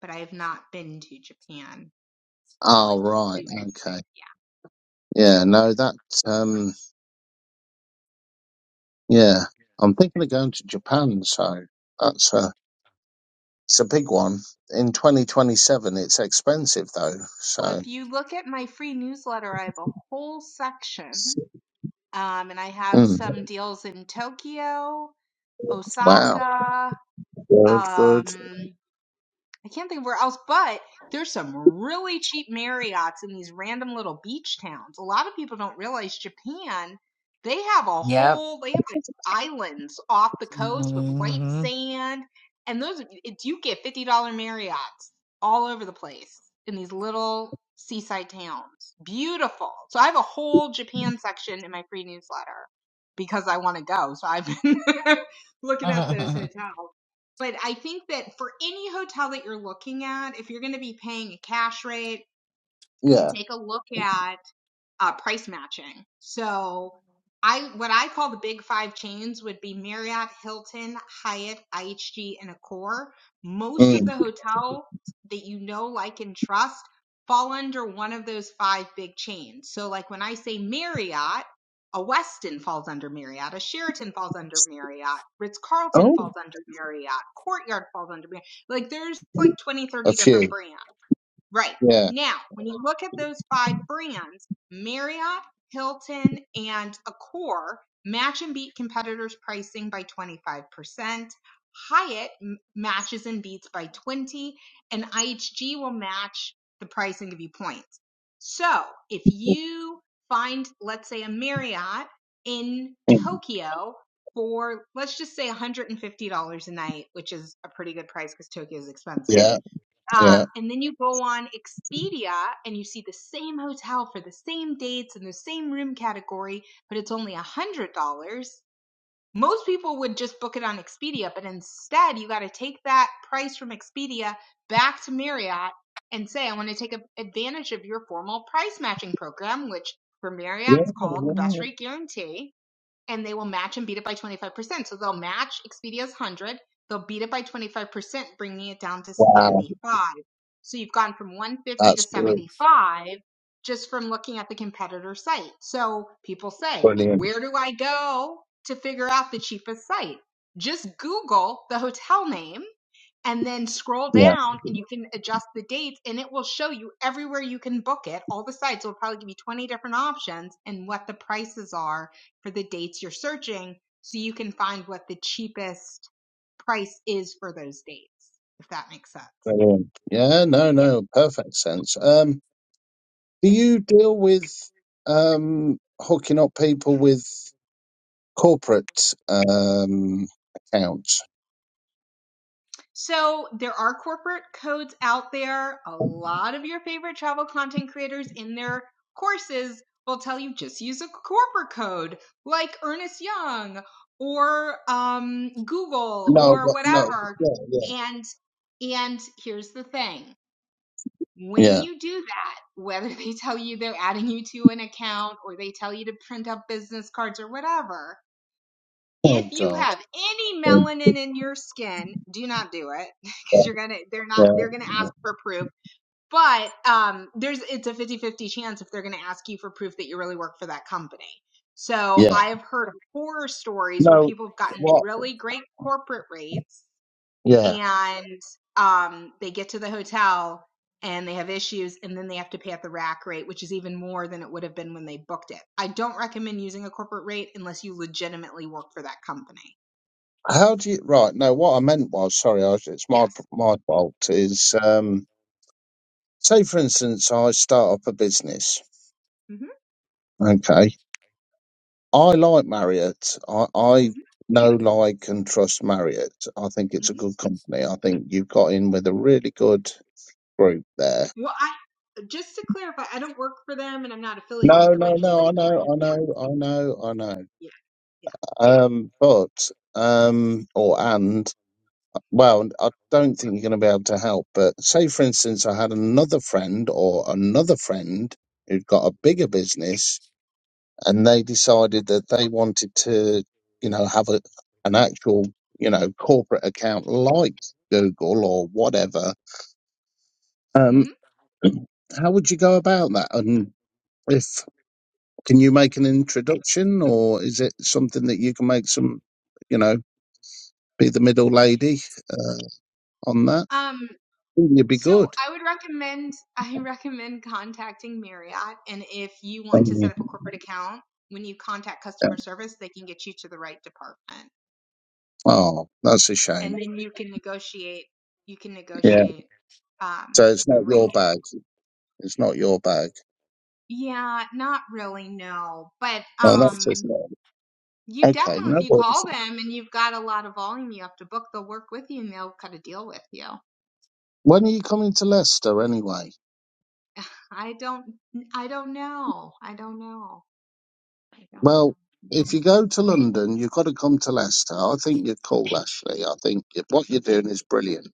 Speaker 2: but I have not been to Japan to like
Speaker 9: Oh,
Speaker 2: do
Speaker 9: right.
Speaker 2: anything.
Speaker 9: Okay.
Speaker 2: Yeah.
Speaker 9: Yeah, no, that, um, yeah. I'm thinking of going to Japan, so that's a, it's a big one. In 2027, it's expensive though,
Speaker 2: Well,
Speaker 9: so.
Speaker 2: if you look at my free newsletter, I have a whole section, um, and I have
Speaker 9: Mm,
Speaker 2: some deals in Tokyo,
Speaker 9: wow.
Speaker 2: Osaka,
Speaker 9: Good, good.
Speaker 2: um, I can't think of where else, but there's some really cheap Marriotts in these random little beach towns. A lot of people don't realize Japan, they have a
Speaker 1: Yep.
Speaker 2: whole, they have like islands off the coast with white sand. And those, it, you get $50 Marriotts all over the place in these little seaside towns. Beautiful. So I have a whole Japan section in my free newsletter because I want to go. So I've been *laughs*
Speaker 1: hmm
Speaker 2: looking at those
Speaker 1: *laughs*
Speaker 2: hotels. But I think that for any hotel that you're looking at, if you're going to be paying a cash rate, to
Speaker 9: Yeah.
Speaker 2: take a look at uh, price matching. So I what I call the big five chains would be Marriott, Hilton, Hyatt, IHG, and Accor. Most of
Speaker 9: Mm.
Speaker 2: the hotels that you know, like, and trust fall under one of those five big chains. So like when I say Marriott, a Westin falls under Marriott, a Sheraton falls under Marriott, Ritz Carlton
Speaker 9: Oh,
Speaker 2: falls under Marriott, Courtyard falls under Marriott. Like there's like 20,
Speaker 9: a
Speaker 2: 30 different
Speaker 9: few.
Speaker 2: brands. Right.
Speaker 9: Yeah.
Speaker 2: Now, when you look at those five brands, Marriott, Hilton, and Accor match and beat competitors' pricing by 25%. Hyatt m- matches and beats by 20, and IHG will match the price and give you points. So, if you find, let's say, a Marriott in
Speaker 9: Mm.
Speaker 2: Tokyo for, let's just say, $150 a night, which is a pretty good price because Tokyo is expensive
Speaker 9: Yeah, yeah.
Speaker 2: um, and then you go on Expedia and you see the same hotel for the same dates and the same room category, but it's only a hundred dollars. Most people would just book it on Expedia, but instead you got to take that price from Expedia back to Marriott and say, I want to take advantage of your formal price matching program, which for
Speaker 9: Yeah.
Speaker 2: Marriott's
Speaker 9: yeah.
Speaker 2: called the best
Speaker 9: yeah.
Speaker 2: rate guarantee and they will match and beat it by 25%. So they'll match Expedia's 100, they'll beat it by 25%, bringing it down to
Speaker 9: Wow.
Speaker 2: 75. So you've gone from 150 to
Speaker 9: That's good.
Speaker 2: 75 just from looking at the competitor site. So people say,
Speaker 9: Brilliant.
Speaker 2: where do I go to figure out the cheapest site? Just Google the hotel name and then scroll
Speaker 9: Yeah,
Speaker 2: down and you can adjust the dates and it will show you everywhere you can book it all the sites will probably give you 20 different options and what the prices are for the dates you're searching so you can find what the cheapest price is for those dates if that makes sense
Speaker 9: brilliant. Yeah, no,
Speaker 2: yeah
Speaker 9: no, perfect sense. Um,
Speaker 2: Yeah.
Speaker 9: do you deal with um, hooking up people with corporate um, accounts?
Speaker 2: So there are corporate codes out there. A lot of your favorite travel content creators in their courses will tell you just use a corporate code like Ernest Young or um, Google
Speaker 9: No,
Speaker 2: or
Speaker 9: but- no,
Speaker 2: whatever.
Speaker 9: yeah, yeah,
Speaker 2: And and here's the thing. When
Speaker 9: yeah.
Speaker 2: you do that, whether they tell you they're adding you to an account or they tell you to print up business cards or whatever, if
Speaker 9: Oh
Speaker 2: you
Speaker 9: God,
Speaker 2: have any
Speaker 9: yeah,
Speaker 2: melanin in your skin, do not do it *laughs*
Speaker 9: yeah,
Speaker 2: because you're gonna they're not
Speaker 9: yeah.
Speaker 2: they're gonna
Speaker 9: yeah.
Speaker 2: ask for proof. But um there's it's a fifty-fifty chance if they're gonna ask you for proof that you really work for that company. So
Speaker 9: Yeah.
Speaker 2: I have heard of horror stories where
Speaker 9: No,
Speaker 2: people have gotten
Speaker 9: what?
Speaker 2: really great corporate rates
Speaker 9: Yeah.
Speaker 2: and um they get to the hotel and they have issues and then they have to pay at the rack rate which is even more than it would have been when they booked it i don't recommend using a corporate rate unless you legitimately work for that company
Speaker 9: How do you? Right. No, what I meant was, sorry, I, it's my
Speaker 2: Yes.
Speaker 9: my fault. Is um, say for instance, I start up a business.
Speaker 2: Mhm,
Speaker 9: Okay. I like Marriott. I, I
Speaker 2: mhm,
Speaker 9: know, like, and trust Marriott. I think it's a
Speaker 2: mhm.
Speaker 9: good company. I think you've got in with a really good group there.
Speaker 2: Well, I just to clarify, I don't work for them and I'm not affiliated with
Speaker 9: No,
Speaker 2: them.
Speaker 9: no,
Speaker 2: I just like
Speaker 9: no. I
Speaker 2: the
Speaker 9: know,
Speaker 2: brand.
Speaker 9: I
Speaker 2: Yeah,
Speaker 9: know, I know, I know.
Speaker 2: yeah,
Speaker 9: Um, but um, or and well, I don't think you're going to be able to help. But say, for instance, I had another friend or another friend who'd got a bigger business and they decided that they wanted to, you know, have a, an actual, you know, corporate account like Google or whatever.
Speaker 2: yeah.
Speaker 9: Um,
Speaker 2: Mhm.
Speaker 9: *clears throat* how would you go about that? And if can you make an introduction, or is it something that you can make some, you know, be the middle lady uh, on that?
Speaker 2: Um,
Speaker 9: You'd be
Speaker 2: so
Speaker 9: good.
Speaker 2: I would recommend *laughs* I recommend contacting Marriott, and if you want to set
Speaker 9: Mhm.
Speaker 2: up a corporate account, when you contact
Speaker 9: Yeah.
Speaker 2: customer service, they can get you to the right department,
Speaker 9: Oh, that's a
Speaker 2: and
Speaker 9: shame.
Speaker 2: then you can negotiate. You can
Speaker 9: Yeah.
Speaker 2: negotiate um,
Speaker 9: So it's
Speaker 2: a
Speaker 9: not
Speaker 2: rate.
Speaker 9: your bag. It's not your bag.
Speaker 2: Yeah, not really, no, but
Speaker 9: Oh, that's a
Speaker 2: um.
Speaker 9: shame.
Speaker 2: You
Speaker 9: Okay,
Speaker 2: definitely,
Speaker 9: no
Speaker 2: if you
Speaker 9: worries.
Speaker 2: call them and you've got a lot of volume you have to book, they'll work with you and they'll cut a deal with you.
Speaker 9: When are you coming to Leicester anyway?
Speaker 2: *sighs* *laughs* I don't, I don't know. I don't know. I don't
Speaker 9: Well,
Speaker 2: know.
Speaker 9: if you go to London, you've got to come to Leicester. I think you're cool, Ashley. I think you- what you're doing is brilliant.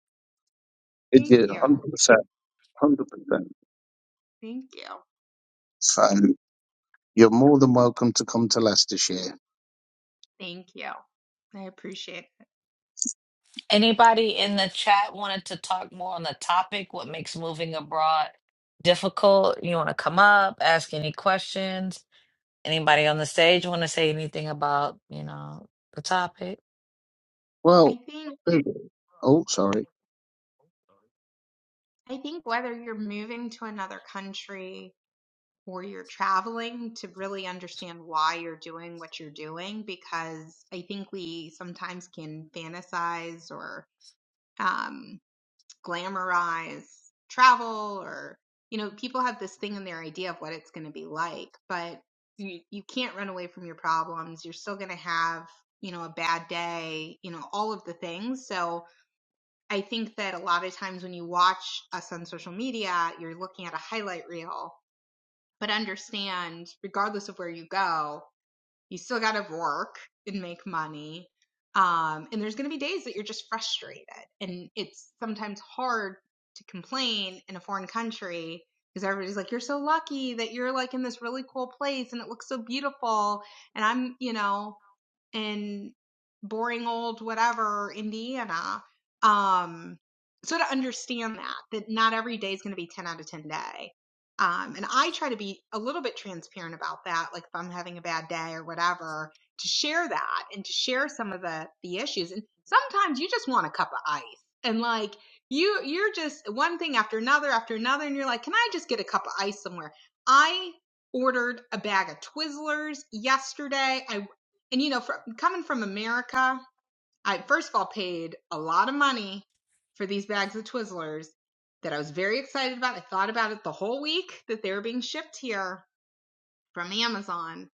Speaker 9: It-
Speaker 2: Thank
Speaker 9: you
Speaker 2: you.
Speaker 9: 100%. 100%.
Speaker 2: Thank you.
Speaker 9: So you're more than welcome to come to Leicestershire.
Speaker 2: Thank you. I appreciate it.
Speaker 1: Anybody in the chat wanted to talk more on the topic? What makes moving abroad difficult? You want to come up, ask any questions? Anybody on the stage want to say anything about, you know, the topic?
Speaker 2: I
Speaker 9: Well,
Speaker 2: think,
Speaker 9: oh, sorry.
Speaker 2: I think whether you're moving to another country or you're traveling to really understand why you're doing what you're doing, because I think we sometimes can fantasize or, um, glamorize travel or you know people have this thing in their idea of what it's going to be like but you, you can't run away from your problems you're still going to have you know a bad day you know all of the things so i think that a lot of times when you watch us on social media you're looking at a highlight reel but understand regardless of where you go you still got to work and make money. Um, and there's going to be days that you're just frustrated. And it's sometimes hard to complain in a foreign country because everybody's like, you're so lucky that you're like in this really cool place and it looks so beautiful. And I'm, you know, in boring old whatever Indiana. Um, so to understand that, that not every day is going to be 10 out of 10 day. Um, and I try to be a little bit transparent about that. Like if I'm having a bad day or whatever, to share that and to share some of the, the issues. And sometimes you just want a cup of ice and like you, you're just one thing after another after another. And you're like, can I just get a cup of ice somewhere? I ordered a bag of Twizzlers yesterday. I and you know, from coming from America, I first of all paid a lot of money for these bags of Twizzlers that I was very excited about. I thought about it the whole week that they were being shipped here from Amazon.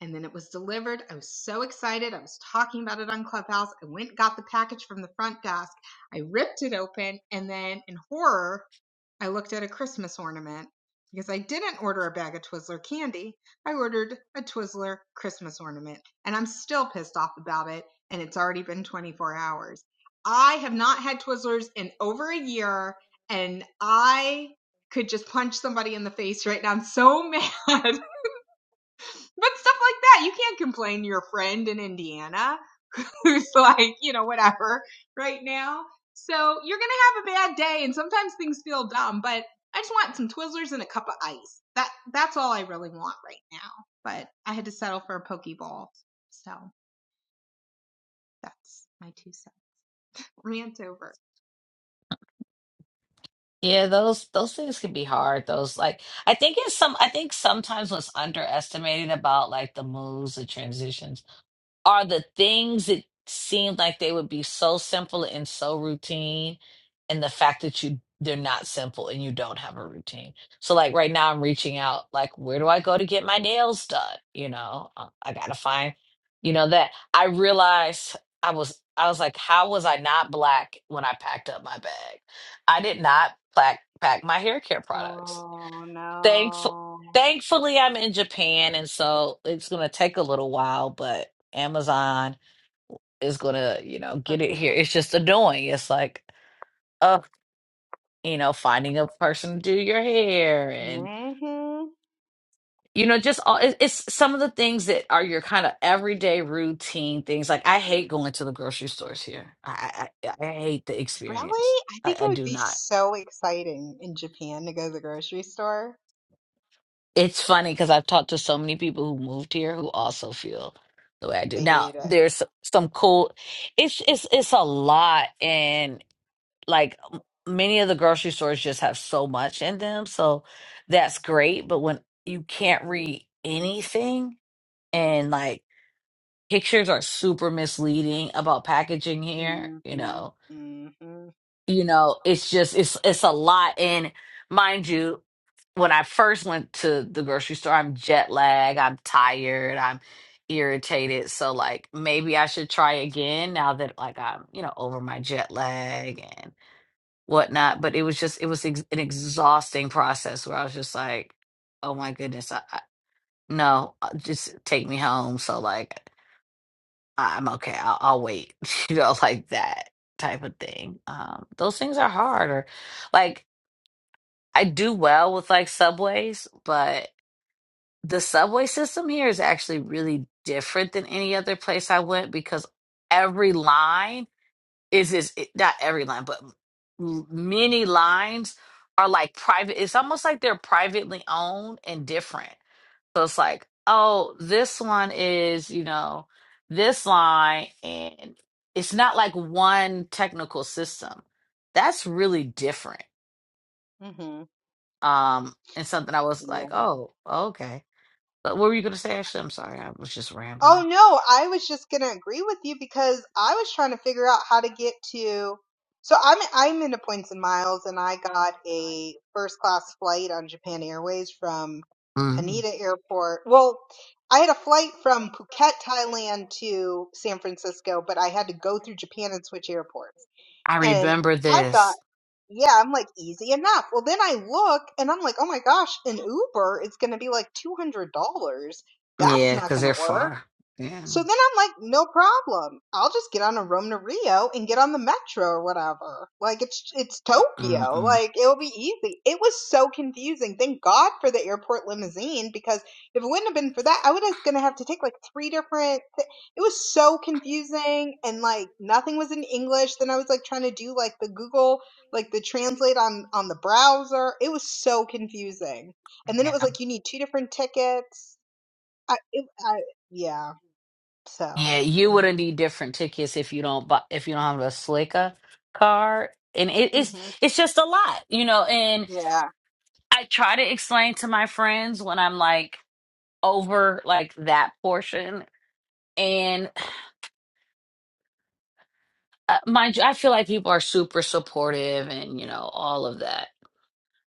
Speaker 2: And then it was delivered. I was so excited. I was talking about it on Clubhouse. I went and got the package from the front desk. I ripped it open and then in horror I looked at a Christmas ornament because I didn't order a bag of Twizzler candy. I ordered a Twizzler Christmas ornament and I'm still pissed off about it. And it's already been 24 hours. I have not had Twizzlers in over a year and I could just punch somebody in the face right now. I'm so mad. *laughs* but stuff like that, you can't complain to your friend in Indiana. *laughs* who's like, you know, whatever right now. So you're gonna have a bad day, and sometimes things feel dumb. But I just want some Twizzlers and a cup of ice. That that's all I really want right now. But I had to settle for a pokeball, so that's my two cents. Rant over.
Speaker 1: Yeah, those those things can be hard. Those like I think it's some I think sometimes what's underestimated about like the moves, the transitions are the things that seem like they would be so simple and so routine and the fact that you they're not simple and you don't have a routine so like right now i'm reaching out like where do i go to get my nails done you know Uh, i gotta find you know that i realized i was i was like how was i not black when i packed up my bag i did not pack pack my hair care products
Speaker 2: Oh
Speaker 1: Thankful,
Speaker 2: no.
Speaker 1: thankfully, I'm in Japan, and so it's gonna take a little while, but Amazon is gonna, you know, get it here. It's just annoying. It's like, uh, you know, finding a person to do your hair, and
Speaker 2: Mm-hmm.
Speaker 1: you know, just all it- it's some of the things that are your kind of everyday routine things. Like I hate going to the grocery stores here. I I, I I hate the
Speaker 2: Really?
Speaker 1: experience.
Speaker 2: I
Speaker 1: I,
Speaker 2: think it
Speaker 1: I
Speaker 2: would
Speaker 1: do
Speaker 2: be
Speaker 1: not.
Speaker 2: so exciting in Japan to go to the grocery store.
Speaker 1: It's funny because I've talked to so many people who moved here who also feel the way I do.
Speaker 2: They
Speaker 1: Now,
Speaker 2: hate it.
Speaker 1: there's some cool. It's it's it's a lot, and like m- many of the grocery stores just have so much in them, so that's great. But when you can't read anything, and like pictures are super misleading about packaging here,
Speaker 2: Mhm.
Speaker 1: you know
Speaker 2: Mhm.
Speaker 1: you know it's just it's it's a lot and mind you when i first went to the grocery store i'm jet lag i'm tired i'm irritated so like maybe i should try again now that like i'm you know over my jet lag and whatnot but it was just it was ex- an exhausting process where i was just like oh my goodness i, I no uh, just take me home so like I'm okay. I'll, I'll wait, *laughs* you know, like that type of thing. Um, those things are hard. Or like I do well with like subways, but the subway system here is actually really different than any other place I went because every line is is it- not every line, but m- many lines are like private. It's almost like they're privately owned and different. So it's like, oh, this one is, you know, this line, and it's not like one technical system. That's really different.
Speaker 2: Mhm.
Speaker 1: Um, and something I was
Speaker 2: Yeah.
Speaker 1: like, oh, okay. But what were you gonna say, Ashley? I'm sorry, I was just
Speaker 2: Oh
Speaker 1: rambling.
Speaker 2: no, I was just gonna agree with you because I was trying to figure out how to get to. So I'm I'm into points and miles, and I got a first class flight on Japan Airways from
Speaker 1: hmm
Speaker 2: Haneda Airport. Well, I had a flight from Phuket, Thailand to San Francisco, but I had to go through Japan and switch airports.
Speaker 1: I
Speaker 2: And
Speaker 1: remember
Speaker 2: I thought.
Speaker 1: this.
Speaker 2: Yeah, I'm like, easy enough. Well, then I look and I'm like, oh my gosh, an Uber is going to be like $200. That's
Speaker 1: Yeah,
Speaker 2: not
Speaker 1: because
Speaker 2: going to
Speaker 1: they're
Speaker 2: work.
Speaker 1: far. Yeah.
Speaker 2: So then I'm like, no problem. I'll just get on a Rome to Rio and get on the metro or whatever. Like it's it's Tokyo.
Speaker 1: Mm-mm.
Speaker 2: Like it'll be easy. It was so confusing. Thank God for the airport limousine because if it wouldn't have been for that, I would have gonna have to take like three different. Th- it was so confusing and like nothing was in English. Then I was like trying to do like the Google like the translate on on the browser. It was so confusing. And then it
Speaker 1: Man,
Speaker 2: was like you need two different tickets. I, it, I yeah. So,
Speaker 1: Yeah, you would not
Speaker 2: mhm,
Speaker 1: need different tickets if you don't buy, if you don't have a Slicka card, and it, it's
Speaker 2: mhm,
Speaker 1: it's just a lot, you know. And
Speaker 2: yeah.
Speaker 1: I try to explain to my friends when I'm like over like that portion, and uh, mind you, I feel like people are super supportive, and you know all of that.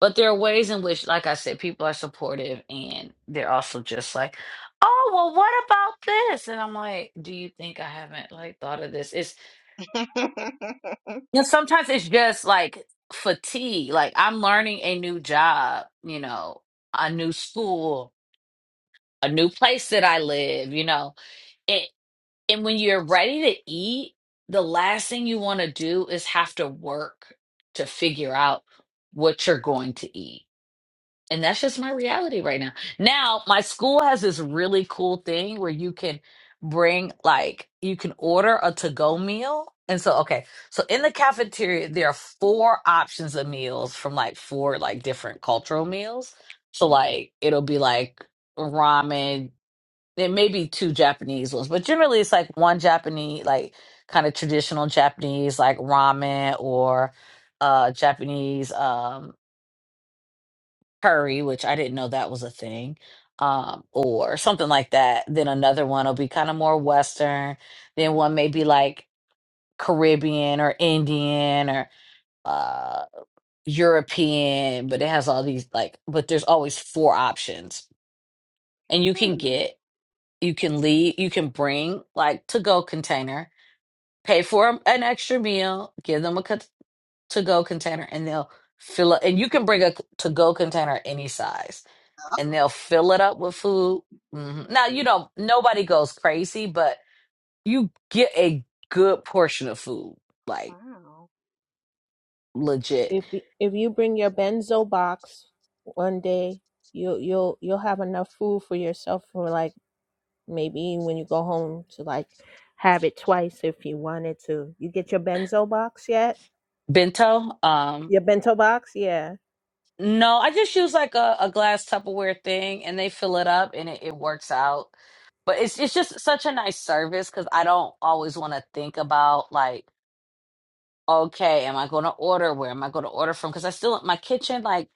Speaker 1: But there are ways in which, like I said, people are supportive, and they're also just like, "Oh, well, what about this?" And I'm like, "Do you think I haven't like thought of this?" It's
Speaker 2: *laughs*
Speaker 1: And sometimes it's just like fatigue. Like I'm learning a new job, you know, a new school, a new place that I live, you know. And and when you're ready to eat, the last thing you want to do is have to work to figure out what you're going to eat. And that's just my reality right now. Now, my school has this really cool thing where you can bring, like, you can order a to go meal. And so, okay, so in the cafeteria, there are four options of meals from like four, like, different cultural meals. So, like, it'll be like ramen. It may be two Japanese ones, but generally it's like one Japanese, like, kind of traditional Japanese, like ramen or uh Japanese um, curry, which I didn't know that was a thing, um, or something like that. Then another one will be kind of more Western. Then one may be like Caribbean or Indian or uh, European, but it has all these like, but there's always four options. And you can
Speaker 2: Hmm.
Speaker 1: get, you can leave, you can bring like to go container, pay for a- an extra meal, give them a to go container, and they'll fill up. And you can bring a to go container any size and they'll fill it up with food. hmm Now, you know, nobody goes crazy, but you get a good portion of food,
Speaker 2: Oh,
Speaker 1: like
Speaker 2: wow.
Speaker 1: legit.
Speaker 3: if if you bring your benzo box one day you'll you'll you'll have enough food for yourself for like maybe when you go home to like have it twice if you wanted to you get your benzo box yet
Speaker 1: Bento, um,
Speaker 3: your bento box yeah
Speaker 1: no, I just use like a, a glass Tupperware thing and they fill it up and it, it works out. But it's it's just such a nice service because I don't always want to think about like, okay, am I going to order? Where am I going to order from? Because I still my kitchen like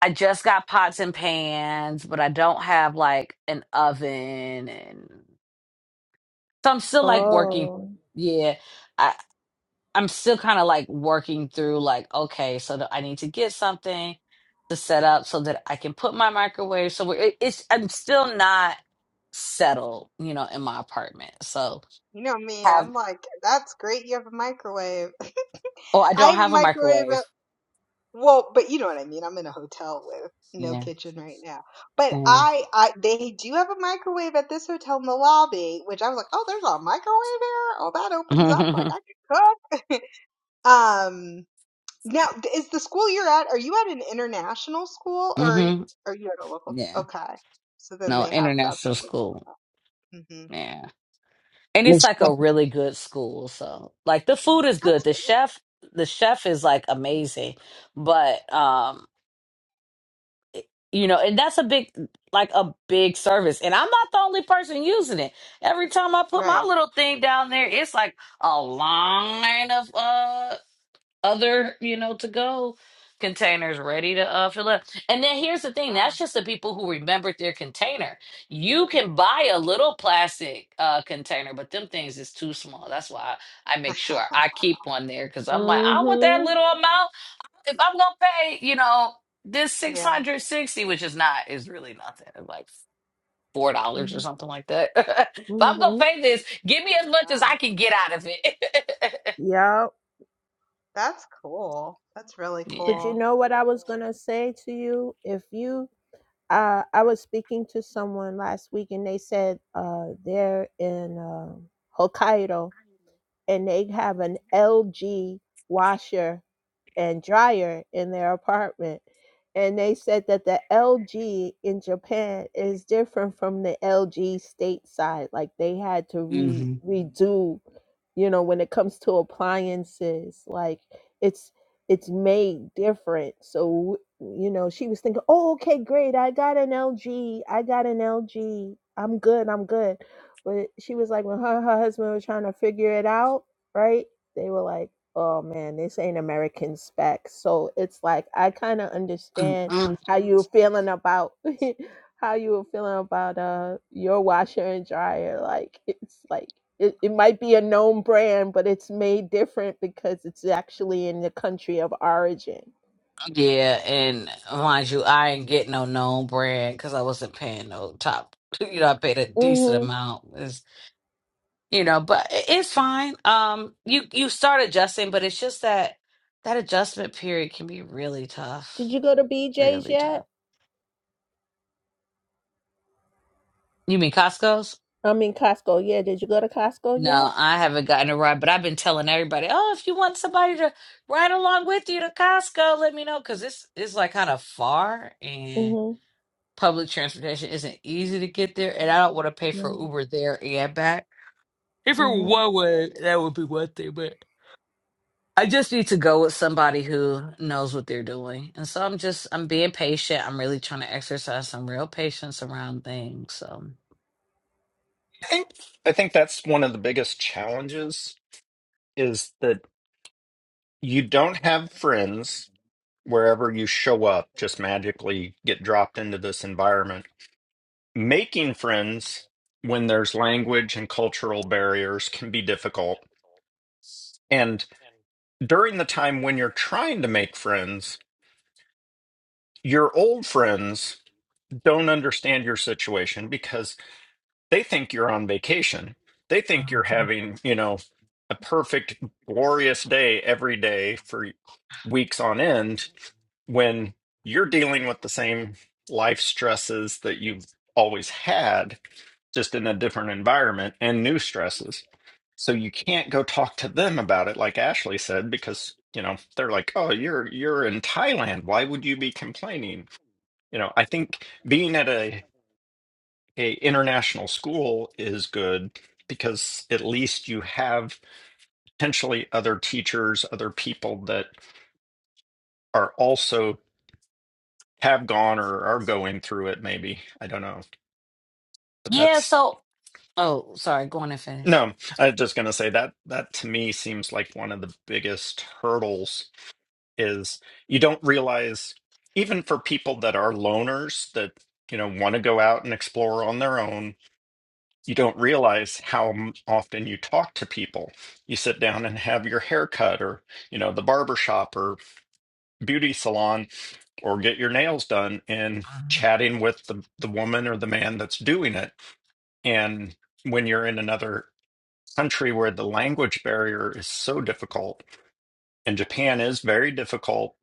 Speaker 1: I just got pots and pans, but I don't have like an oven and so I'm still like working
Speaker 3: oh
Speaker 1: yeah. I I'm still kind of like working through like okay, so that I need to get something to set up so that I can put my microwave so it, it's I'm still not settled, you know, in my apartment. So
Speaker 2: You know me,
Speaker 1: have
Speaker 2: I'm like, that's great. You have a microwave. *laughs*
Speaker 1: oh, I
Speaker 2: I
Speaker 1: don't
Speaker 2: have a
Speaker 1: have a
Speaker 2: microwave. At,
Speaker 1: microwave.
Speaker 2: well, but you know what I mean. I'm in a hotel with no
Speaker 1: Yeah.
Speaker 2: kitchen right now. But
Speaker 1: Yeah.
Speaker 2: I, I, they do have a microwave at this hotel in the lobby, which I was like, oh, there's a microwave here. Oh, that opens up. Like
Speaker 1: *laughs*
Speaker 2: I could cook. *laughs* Um, Now, is the school you're at, are you at an international school or are y-
Speaker 1: mhm.
Speaker 2: are you at a local?
Speaker 1: Yeah.
Speaker 2: Okay. So then
Speaker 1: No
Speaker 2: they have, that's why
Speaker 1: international school.
Speaker 2: they hmm
Speaker 1: Yeah. and it's
Speaker 9: Miss
Speaker 1: like
Speaker 9: Cleo,
Speaker 1: a really good school so like the food is good
Speaker 2: That's
Speaker 1: the
Speaker 2: great.
Speaker 1: chef the chef is like amazing but um you know and that's a big like a big service and i'm not the only person using it every time i put my
Speaker 2: Right.
Speaker 1: little thing down there it's like a line of uh other, you know, to go containers ready to uh, fill up. And then here's the thing
Speaker 2: Wow.
Speaker 1: that's just the people who remembered their container. You can buy a little plastic uh, container, but them things is too small. That's why I make sure
Speaker 2: *laughs*
Speaker 1: I keep one there because I'm like, I want that
Speaker 3: mm-hmm
Speaker 1: little amount. If I'm going to pay, you know, this
Speaker 2: Yeah.
Speaker 1: 660, which is not, is really nothing. It's like, Four dollars or something like that. *laughs* if I'm gonna
Speaker 3: mm-hmm
Speaker 1: pay this, give me
Speaker 2: Oh,
Speaker 1: as much as
Speaker 2: Wow.
Speaker 1: I can get out of it.
Speaker 3: yeah
Speaker 2: That's cool. That's really
Speaker 1: *laughs* yeah.
Speaker 3: but you
Speaker 2: cool.
Speaker 3: know what i was gonna say to you if you uh i was speaking to someone last week and they said uh they're in uh, hokkaido and they have an LG washer and dryer in their apartment. And they said that the LG in Japan is different from the LG stateside. Like they had to re
Speaker 1: hmm
Speaker 3: redo, you know, when it comes to appliances, like it's it's made different. So you know, she was thinking, "Oh, okay, great. I got an LG. I got an LG. I'm good. I'm good." But she was like, when her her husband was trying to figure it out, right? They were like oh man, this ain't American spec. So it's like I kind of understand how you were feeling about *laughs* how you were feeling about uh your washer and dryer. Like it's like it, it might be a known brand, but it's made different because it's actually in the country of origin.
Speaker 1: Yeah, and mind you, I ain't get no known brand because I wasn't paying no top. *laughs* You know, I paid a decent
Speaker 3: hmm
Speaker 1: amount. It's, you know, but i- it's fine. Um, you you start adjusting, but it's just that that adjustment period can be really
Speaker 3: Did
Speaker 1: tough,
Speaker 3: you go to BJ's
Speaker 1: really
Speaker 3: yet?
Speaker 1: tough. You mean Costco's?
Speaker 3: I mean Costco. Yeah, did you go to Costco
Speaker 1: No,
Speaker 3: yet?
Speaker 1: I haven't gotten a ride, but I've been telling everybody, oh, if you want somebody to ride along with you to Costco, let me know because it's it's like kind of far and.
Speaker 3: Mhm.
Speaker 1: public transportation isn't easy to get there, and I don't want to pay for
Speaker 3: No.
Speaker 1: Uber there and back. If it were
Speaker 3: Mm-hmm.
Speaker 1: one way, that would be one thing, but I just need to go with somebody who knows what they're doing. And so I'm just I'm being patient. I'm really trying to exercise some real patience around things. So
Speaker 7: I think I think that's one of the biggest challenges is that you don't have friends wherever you show up, just magically get dropped into this environment. Making friends when there's language and cultural barriers can be difficult. And during the time when you're trying to make friends, your old friends don't understand your situation because they think you're on vacation. They think you're having, you know, a perfect, glorious day every day for weeks on end when you're dealing with the same life stresses that you've always had, just in a different environment and new stresses. So you can't go talk to them about it, like Ashley said, because you know they're like, "Oh, you're you're in Thailand. Why would you be complaining?" you know i think being at a, a international school is good because at least you have potentially other teachers other people that are also have gone or are going through it maybe i don't know but
Speaker 1: yeah,
Speaker 7: that's
Speaker 1: so oh sorry, go on and finish.
Speaker 7: no i was just going to say that that to me seems like one of the biggest hurdles is you don't realize even for people that are loners that you know want to go out and explore on their own you don't realize how often you talk to people. You sit down and have your hair cut or, you know, the barber shop or beauty salon or get your nails done and
Speaker 1: Um,
Speaker 7: chatting with the, the woman or the man that's doing it. And when you're in another country where the language barrier is so difficult, and Japan is very difficult,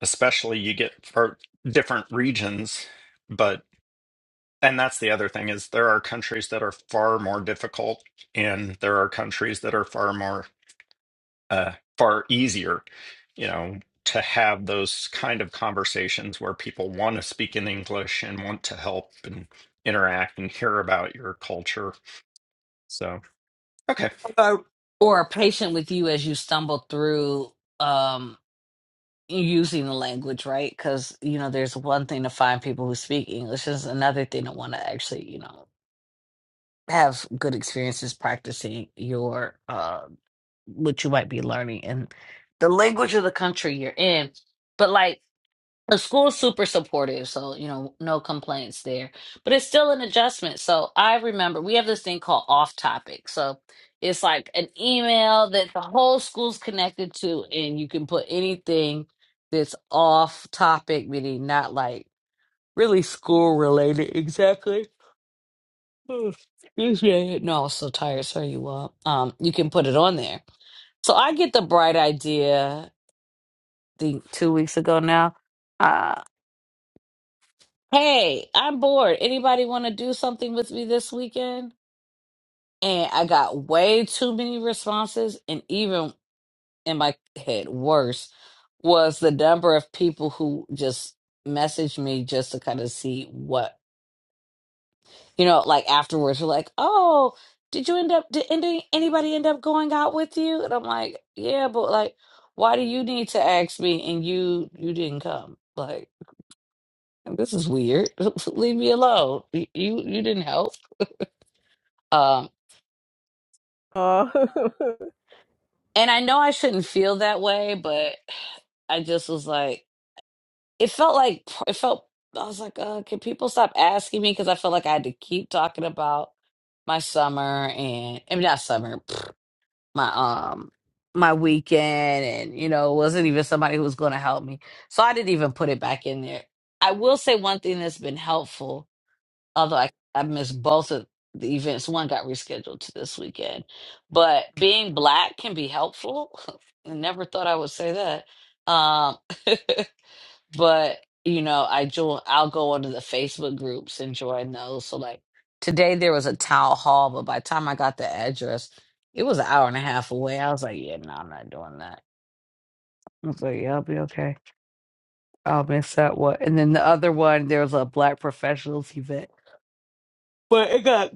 Speaker 7: especially you get for different regions. but. and that's the other thing is there are countries that are far more difficult and there are countries that are far more uh far easier you know to have those kind of conversations where people want to speak in english and want to help and interact and hear about your culture so okay
Speaker 1: Or or patient with you as you stumble through. Um, using the language right because you know there's one thing to find people who speak english There's another thing to want to actually you know have good experiences practicing your uh what you might be learning and the language of the country you're in but like the school's super supportive, so you know, no complaints there. But it's still an adjustment. So I remember we have this thing called off topic. So it's like an email that the whole school's connected to, and you can put anything that's off topic, meaning not like really school related exactly. Oh, Excuse me. No, I'm so tired. Sorry, you all. Um, you can put it on there. So I get the bright idea, I think two weeks ago now. Uh, Hey, I'm bored. Anybody want to do something with me this weekend? And I got way too many responses, and even in my head, worse was the number of people who just messaged me just to kind of see what, you know, like afterwards, were like, oh, did you end up, did any- anybody end up going out with you? And I'm like, yeah, but like, why do you need to ask me and you you didn't come? Like, this is weird. *laughs* Leave me alone. You you you didn't help. Um,
Speaker 3: Oh. *laughs*
Speaker 1: and I know I shouldn't feel that way, but I just was like, it felt like it felt. I was like, uh, can people stop asking me? Because I felt like I had to keep talking about my summer and I mean not summer, *sniffs* my um my weekend, and you know, it wasn't even somebody who was going to help me, so I didn't even put it back in there. I will say one thing that's been helpful although I, I missed both of the events. One got rescheduled to this weekend. But being black can be helpful. *laughs* I never thought I would say that. Um, *laughs* but you know, I join. I'll go onto the Facebook groups and join those. So like today, there was a town hall, but by the time I got the address, it was an hour and a half away. I was like, yeah, no, I'm not doing that. I was like, yeah, I'll be okay. I'll miss that one. And then the other one, there was a Black Professionals event but it got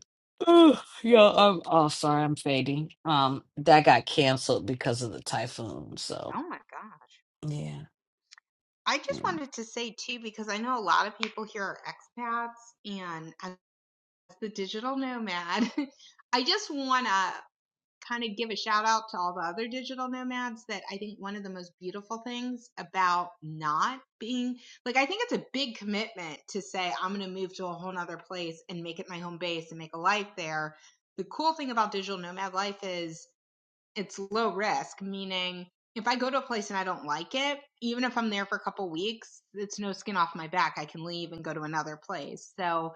Speaker 1: Ooh, yo, am oh, sorry, I'm fading. Um, that got canceled because of the typhoon. So
Speaker 2: Oh my gosh.
Speaker 1: yeah,
Speaker 2: I just
Speaker 1: yeah.
Speaker 2: wanted to say too, because I know a lot of people here are expats, and as the digital nomad, *laughs* I just wanna kind of give a shout out to all the other digital nomads that I think one of the most beautiful things about not being like, I think it's a big commitment to say, I'm going to move to a whole nother place and make it my home base and make a life there. The cool thing about digital nomad life is it's low risk, meaning if I go to a place and I don't like it, even if I'm there for a couple weeks, it's no skin off my back. I can leave and go to another place. So,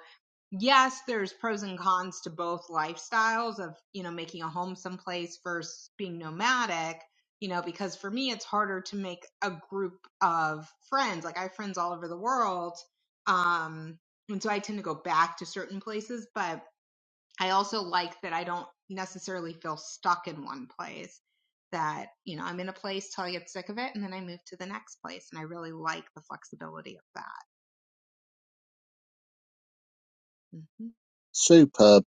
Speaker 2: yes, there's pros and cons to both lifestyles of, you know, making a home someplace versus being nomadic, you know, because for me, it's harder to make a group of friends. Like I have friends all over the world. Um, and so I tend to go back to certain places, but I also like that I don't necessarily feel stuck in one place. That, you know, I'm in a place till I get sick of it and then I move to the next place. And I really like the flexibility of that. hmm
Speaker 9: superb,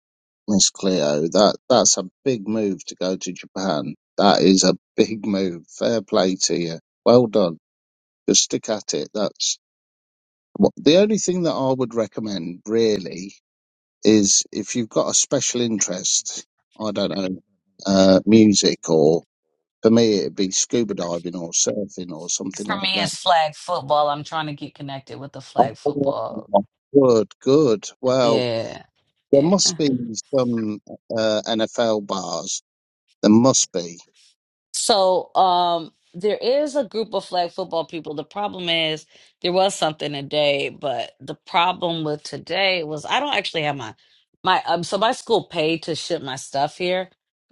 Speaker 9: Miss Cleo. That, that's a big move to go to Japan. That is a big move. Fair play to you. Well done. Just stick at it. That's Well, the only thing that I would recommend really is if you've got a special interest, I don't know, uh, music or for me it'd be scuba diving or surfing or something
Speaker 1: For
Speaker 9: like
Speaker 1: me, it's flag football. I'm trying to get connected with the flag
Speaker 9: that.
Speaker 1: football.
Speaker 9: *laughs* Oh, Good, good. Well,
Speaker 1: Yeah,
Speaker 9: there
Speaker 1: yeah.
Speaker 9: must be some uh, NFL bars. There must be.
Speaker 1: So um there is a group of flag football people. The problem is there was something today, but the problem with today was I don't actually have my my um so my school paid to ship my stuff here.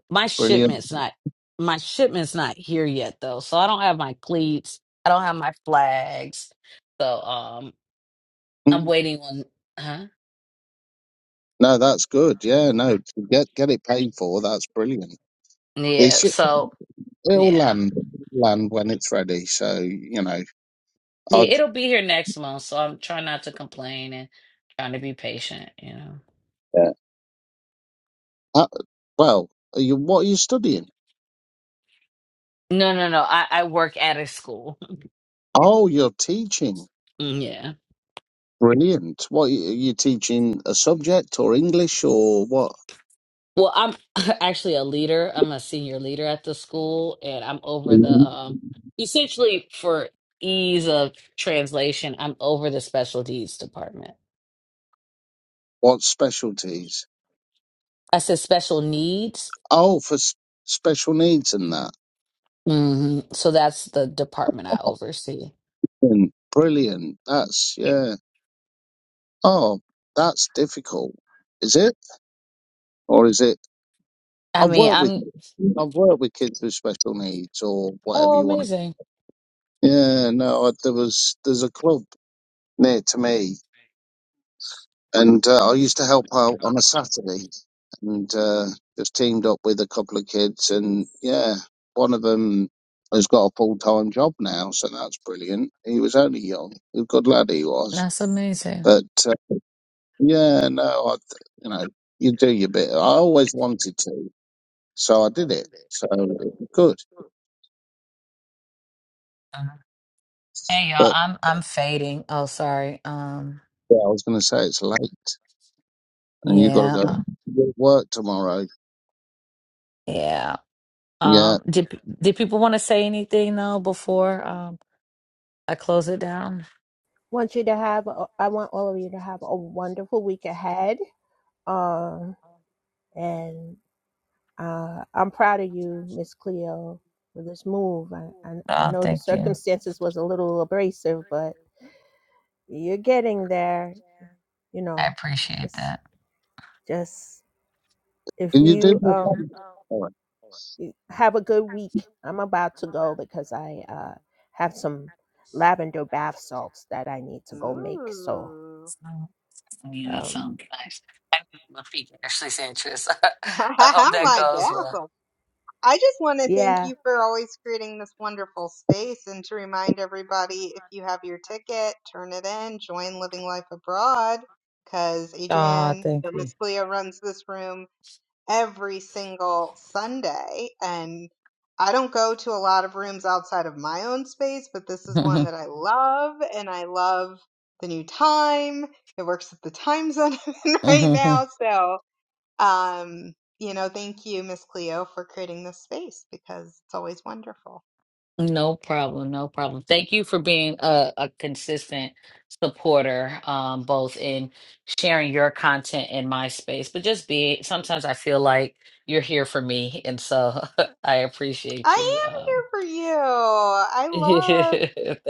Speaker 1: My
Speaker 9: Brilliant. *laughs*
Speaker 1: shipment's not my shipment's not here yet though. So I don't have my cleats. I don't have my flags. So um I'm
Speaker 9: Mm.
Speaker 1: waiting on huh?
Speaker 9: No, that's good. Yeah, no, to get get it paid for. That's brilliant. It
Speaker 1: Yeah,
Speaker 9: should,
Speaker 1: so
Speaker 9: it'll
Speaker 1: yeah.
Speaker 9: land land when it's ready. So you know,
Speaker 1: Yeah,
Speaker 9: I'd.
Speaker 1: it'll be here next month, so I'm trying not to complain and trying to be patient, you know.
Speaker 9: Uh, well, are you, what are you studying?
Speaker 1: No, no, no. I, I work at a school. *laughs*
Speaker 9: Oh, you're teaching.
Speaker 1: Yeah.
Speaker 9: Brilliant. What are you are you teaching? A subject or English or what?
Speaker 1: Well, I'm *laughs* actually a leader. I'm a senior leader at the school, and I'm over the
Speaker 9: Mhm.
Speaker 1: um essentially for ease of translation, I'm over the special needs department.
Speaker 9: What specialties?
Speaker 1: I said special needs.
Speaker 9: Oh, for s- special needs and that.
Speaker 1: hmm So that's the department I oversee.
Speaker 9: Mm, Brilliant. That's yeah. Oh, that's difficult. Is it? Or is it?
Speaker 1: I
Speaker 9: I've
Speaker 1: mean,
Speaker 9: worked with
Speaker 1: I'm
Speaker 9: I've worked with kids with special needs or whatever
Speaker 1: oh
Speaker 9: you want to.
Speaker 1: amazing.
Speaker 9: Yeah, no, I- there was there's a club near to me And uh, I used to help out on a Saturday and uh, just teamed up with a couple of kids. And yeah, one of them has got a full time job now, so that's brilliant. He was only young. A good lad he was.
Speaker 1: That's amazing.
Speaker 9: But uh, yeah, no, I, you know, you do your bit. I always wanted to, so I did it. So it was good.
Speaker 1: uh Hey y'all,
Speaker 9: But
Speaker 1: I'm I'm fading. Oh, sorry. Um,
Speaker 9: yeah, I was going to say it's late and you got to go
Speaker 1: yeah,
Speaker 9: to work tomorrow.
Speaker 1: yeah.
Speaker 9: Yeah.
Speaker 1: Um, did did people want to say anything though before um I close it down?
Speaker 3: Want you to have. a- I want all of you to have a wonderful week ahead. Um, and uh, I'm proud of you, Miss Cleo, for this move. I, I I
Speaker 1: Uh,
Speaker 3: know the
Speaker 1: thank you.
Speaker 3: circumstances was a little abrasive, but you're getting there. You
Speaker 1: I
Speaker 3: know, it's
Speaker 1: appreciate
Speaker 3: just
Speaker 1: that.
Speaker 3: Just if
Speaker 9: Can you do
Speaker 3: you
Speaker 9: me a
Speaker 3: um,
Speaker 1: So-
Speaker 9: favour?
Speaker 3: have a good week, I'm about to go because I uh, have some lavender bath salts that I need to go make. So
Speaker 2: Ooh.
Speaker 1: Yeah, that
Speaker 3: um,
Speaker 1: sounds nice. I think my feet are actually said Tris.
Speaker 2: *laughs*
Speaker 1: *laughs* I hope that
Speaker 2: My
Speaker 1: goes well.
Speaker 2: baffle. I just want to thank
Speaker 3: yeah,
Speaker 2: you for always creating this wonderful space and to remind everybody if you have your ticket, turn it in, join Living Life Abroad because
Speaker 1: Ah,
Speaker 2: Adrienne,
Speaker 1: thank
Speaker 2: or
Speaker 1: you.
Speaker 2: Miss Cleo runs this room every single Sunday. And I don't go to a lot of rooms outside of my own space, but this is one that I love and I love the new time. It works with the time zone *laughs* I'm in
Speaker 1: *laughs*
Speaker 2: right now. So. Um, you know, thank you, Miss Cleo, for creating this space because it's always wonderful.
Speaker 1: No problem, no problem. Thank you for being a, a consistent supporter, um, both in sharing your content in my space, but just be. Sometimes I feel like you're here for me, and so *laughs* I
Speaker 2: I
Speaker 1: appreciate you.
Speaker 2: am here
Speaker 1: Um,
Speaker 2: for you. I
Speaker 1: *laughs*
Speaker 2: love,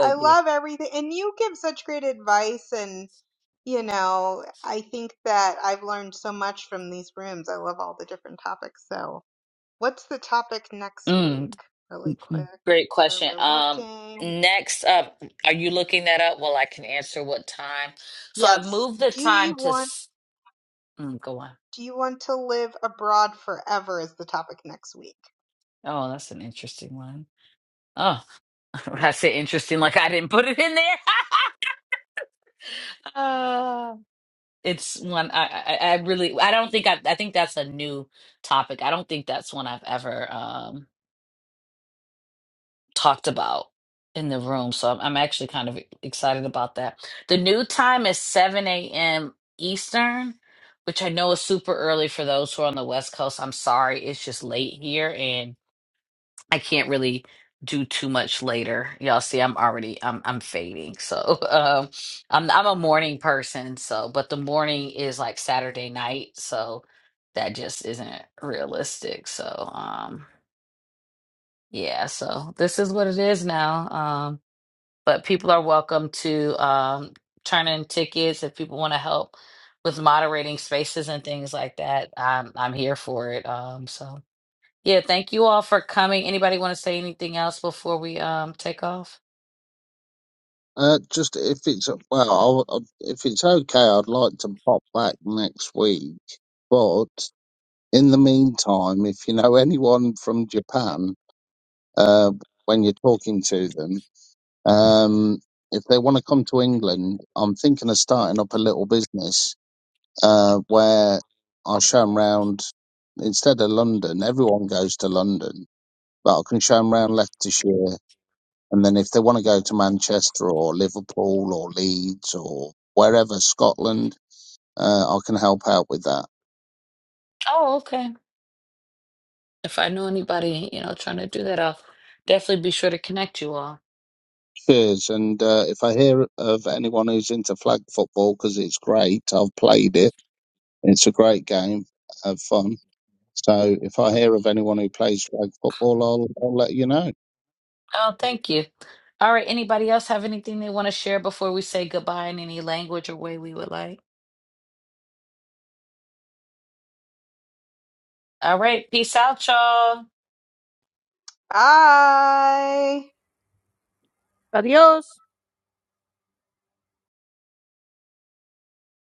Speaker 2: I
Speaker 1: you.
Speaker 2: love everything. And you give such great advice. And, you know, I think that I've learned so much from these rooms. I love all the different topics. So, what's the topic next week?
Speaker 1: mm,
Speaker 2: Really quick,
Speaker 1: great
Speaker 2: where
Speaker 1: question.
Speaker 2: we're
Speaker 1: Um,
Speaker 2: looking.
Speaker 1: next up, are you looking that up? Well, I can answer what time. So I've
Speaker 2: Yes.
Speaker 1: moved the
Speaker 2: Do you
Speaker 1: time to.
Speaker 2: want,
Speaker 1: s- Mm, go on.
Speaker 2: do you want to live abroad forever is the topic next week.
Speaker 1: Oh, that's an interesting one. Oh, *laughs* when I say interesting. Like I didn't put it in there. *laughs* uh, it's one I, I I really I don't think I I think that's a new topic. I don't think that's one I've ever um talked about in the room. So I'm, I'm actually kind of excited about that. The new time is 7 a.m. Eastern, which I know is super early for those who are on the West Coast. I'm sorry, it's just late here and. I can't really do too much later. Y'all see, I'm already I'm I'm fading. So *laughs* um I'm I'm a morning person, so but the morning is like Saturday night, so that just isn't realistic. So um yeah, so this is what it is now. Um but people are welcome to um turn in tickets if people want to help with moderating spaces and things like that. I'm I'm here for it. Um so yeah, thank you all for coming. Anybody want to say anything else before we um take off?
Speaker 9: Uh, just if it's well, I'll, I'll- if it's okay, I'd like to pop back next week. But in the meantime, if you know anyone from Japan, uh, when you're talking to them, um, if they want to come to England, I'm thinking of starting up a little business uh, where I show them round. Instead of London, everyone goes to London, but I can show them round Leicestershire and then if they want to go to Manchester or Liverpool or Leeds or wherever, Scotland, uh, I can help out with that.
Speaker 1: Oh, okay. If I know anybody, you know, trying to do that, I'll definitely be sure to connect you all.
Speaker 9: Cheers. And uh, if I hear of anyone who's into flag football, because it's great, I've played it, it's a great game, have fun. So if I hear of anyone who plays flag football, I'll, I'll let you know.
Speaker 1: Oh, thank you. All right, anybody else have anything they want to share before we say goodbye in any language or way we would like? All right, peace out, y'all.
Speaker 2: Hi.
Speaker 3: but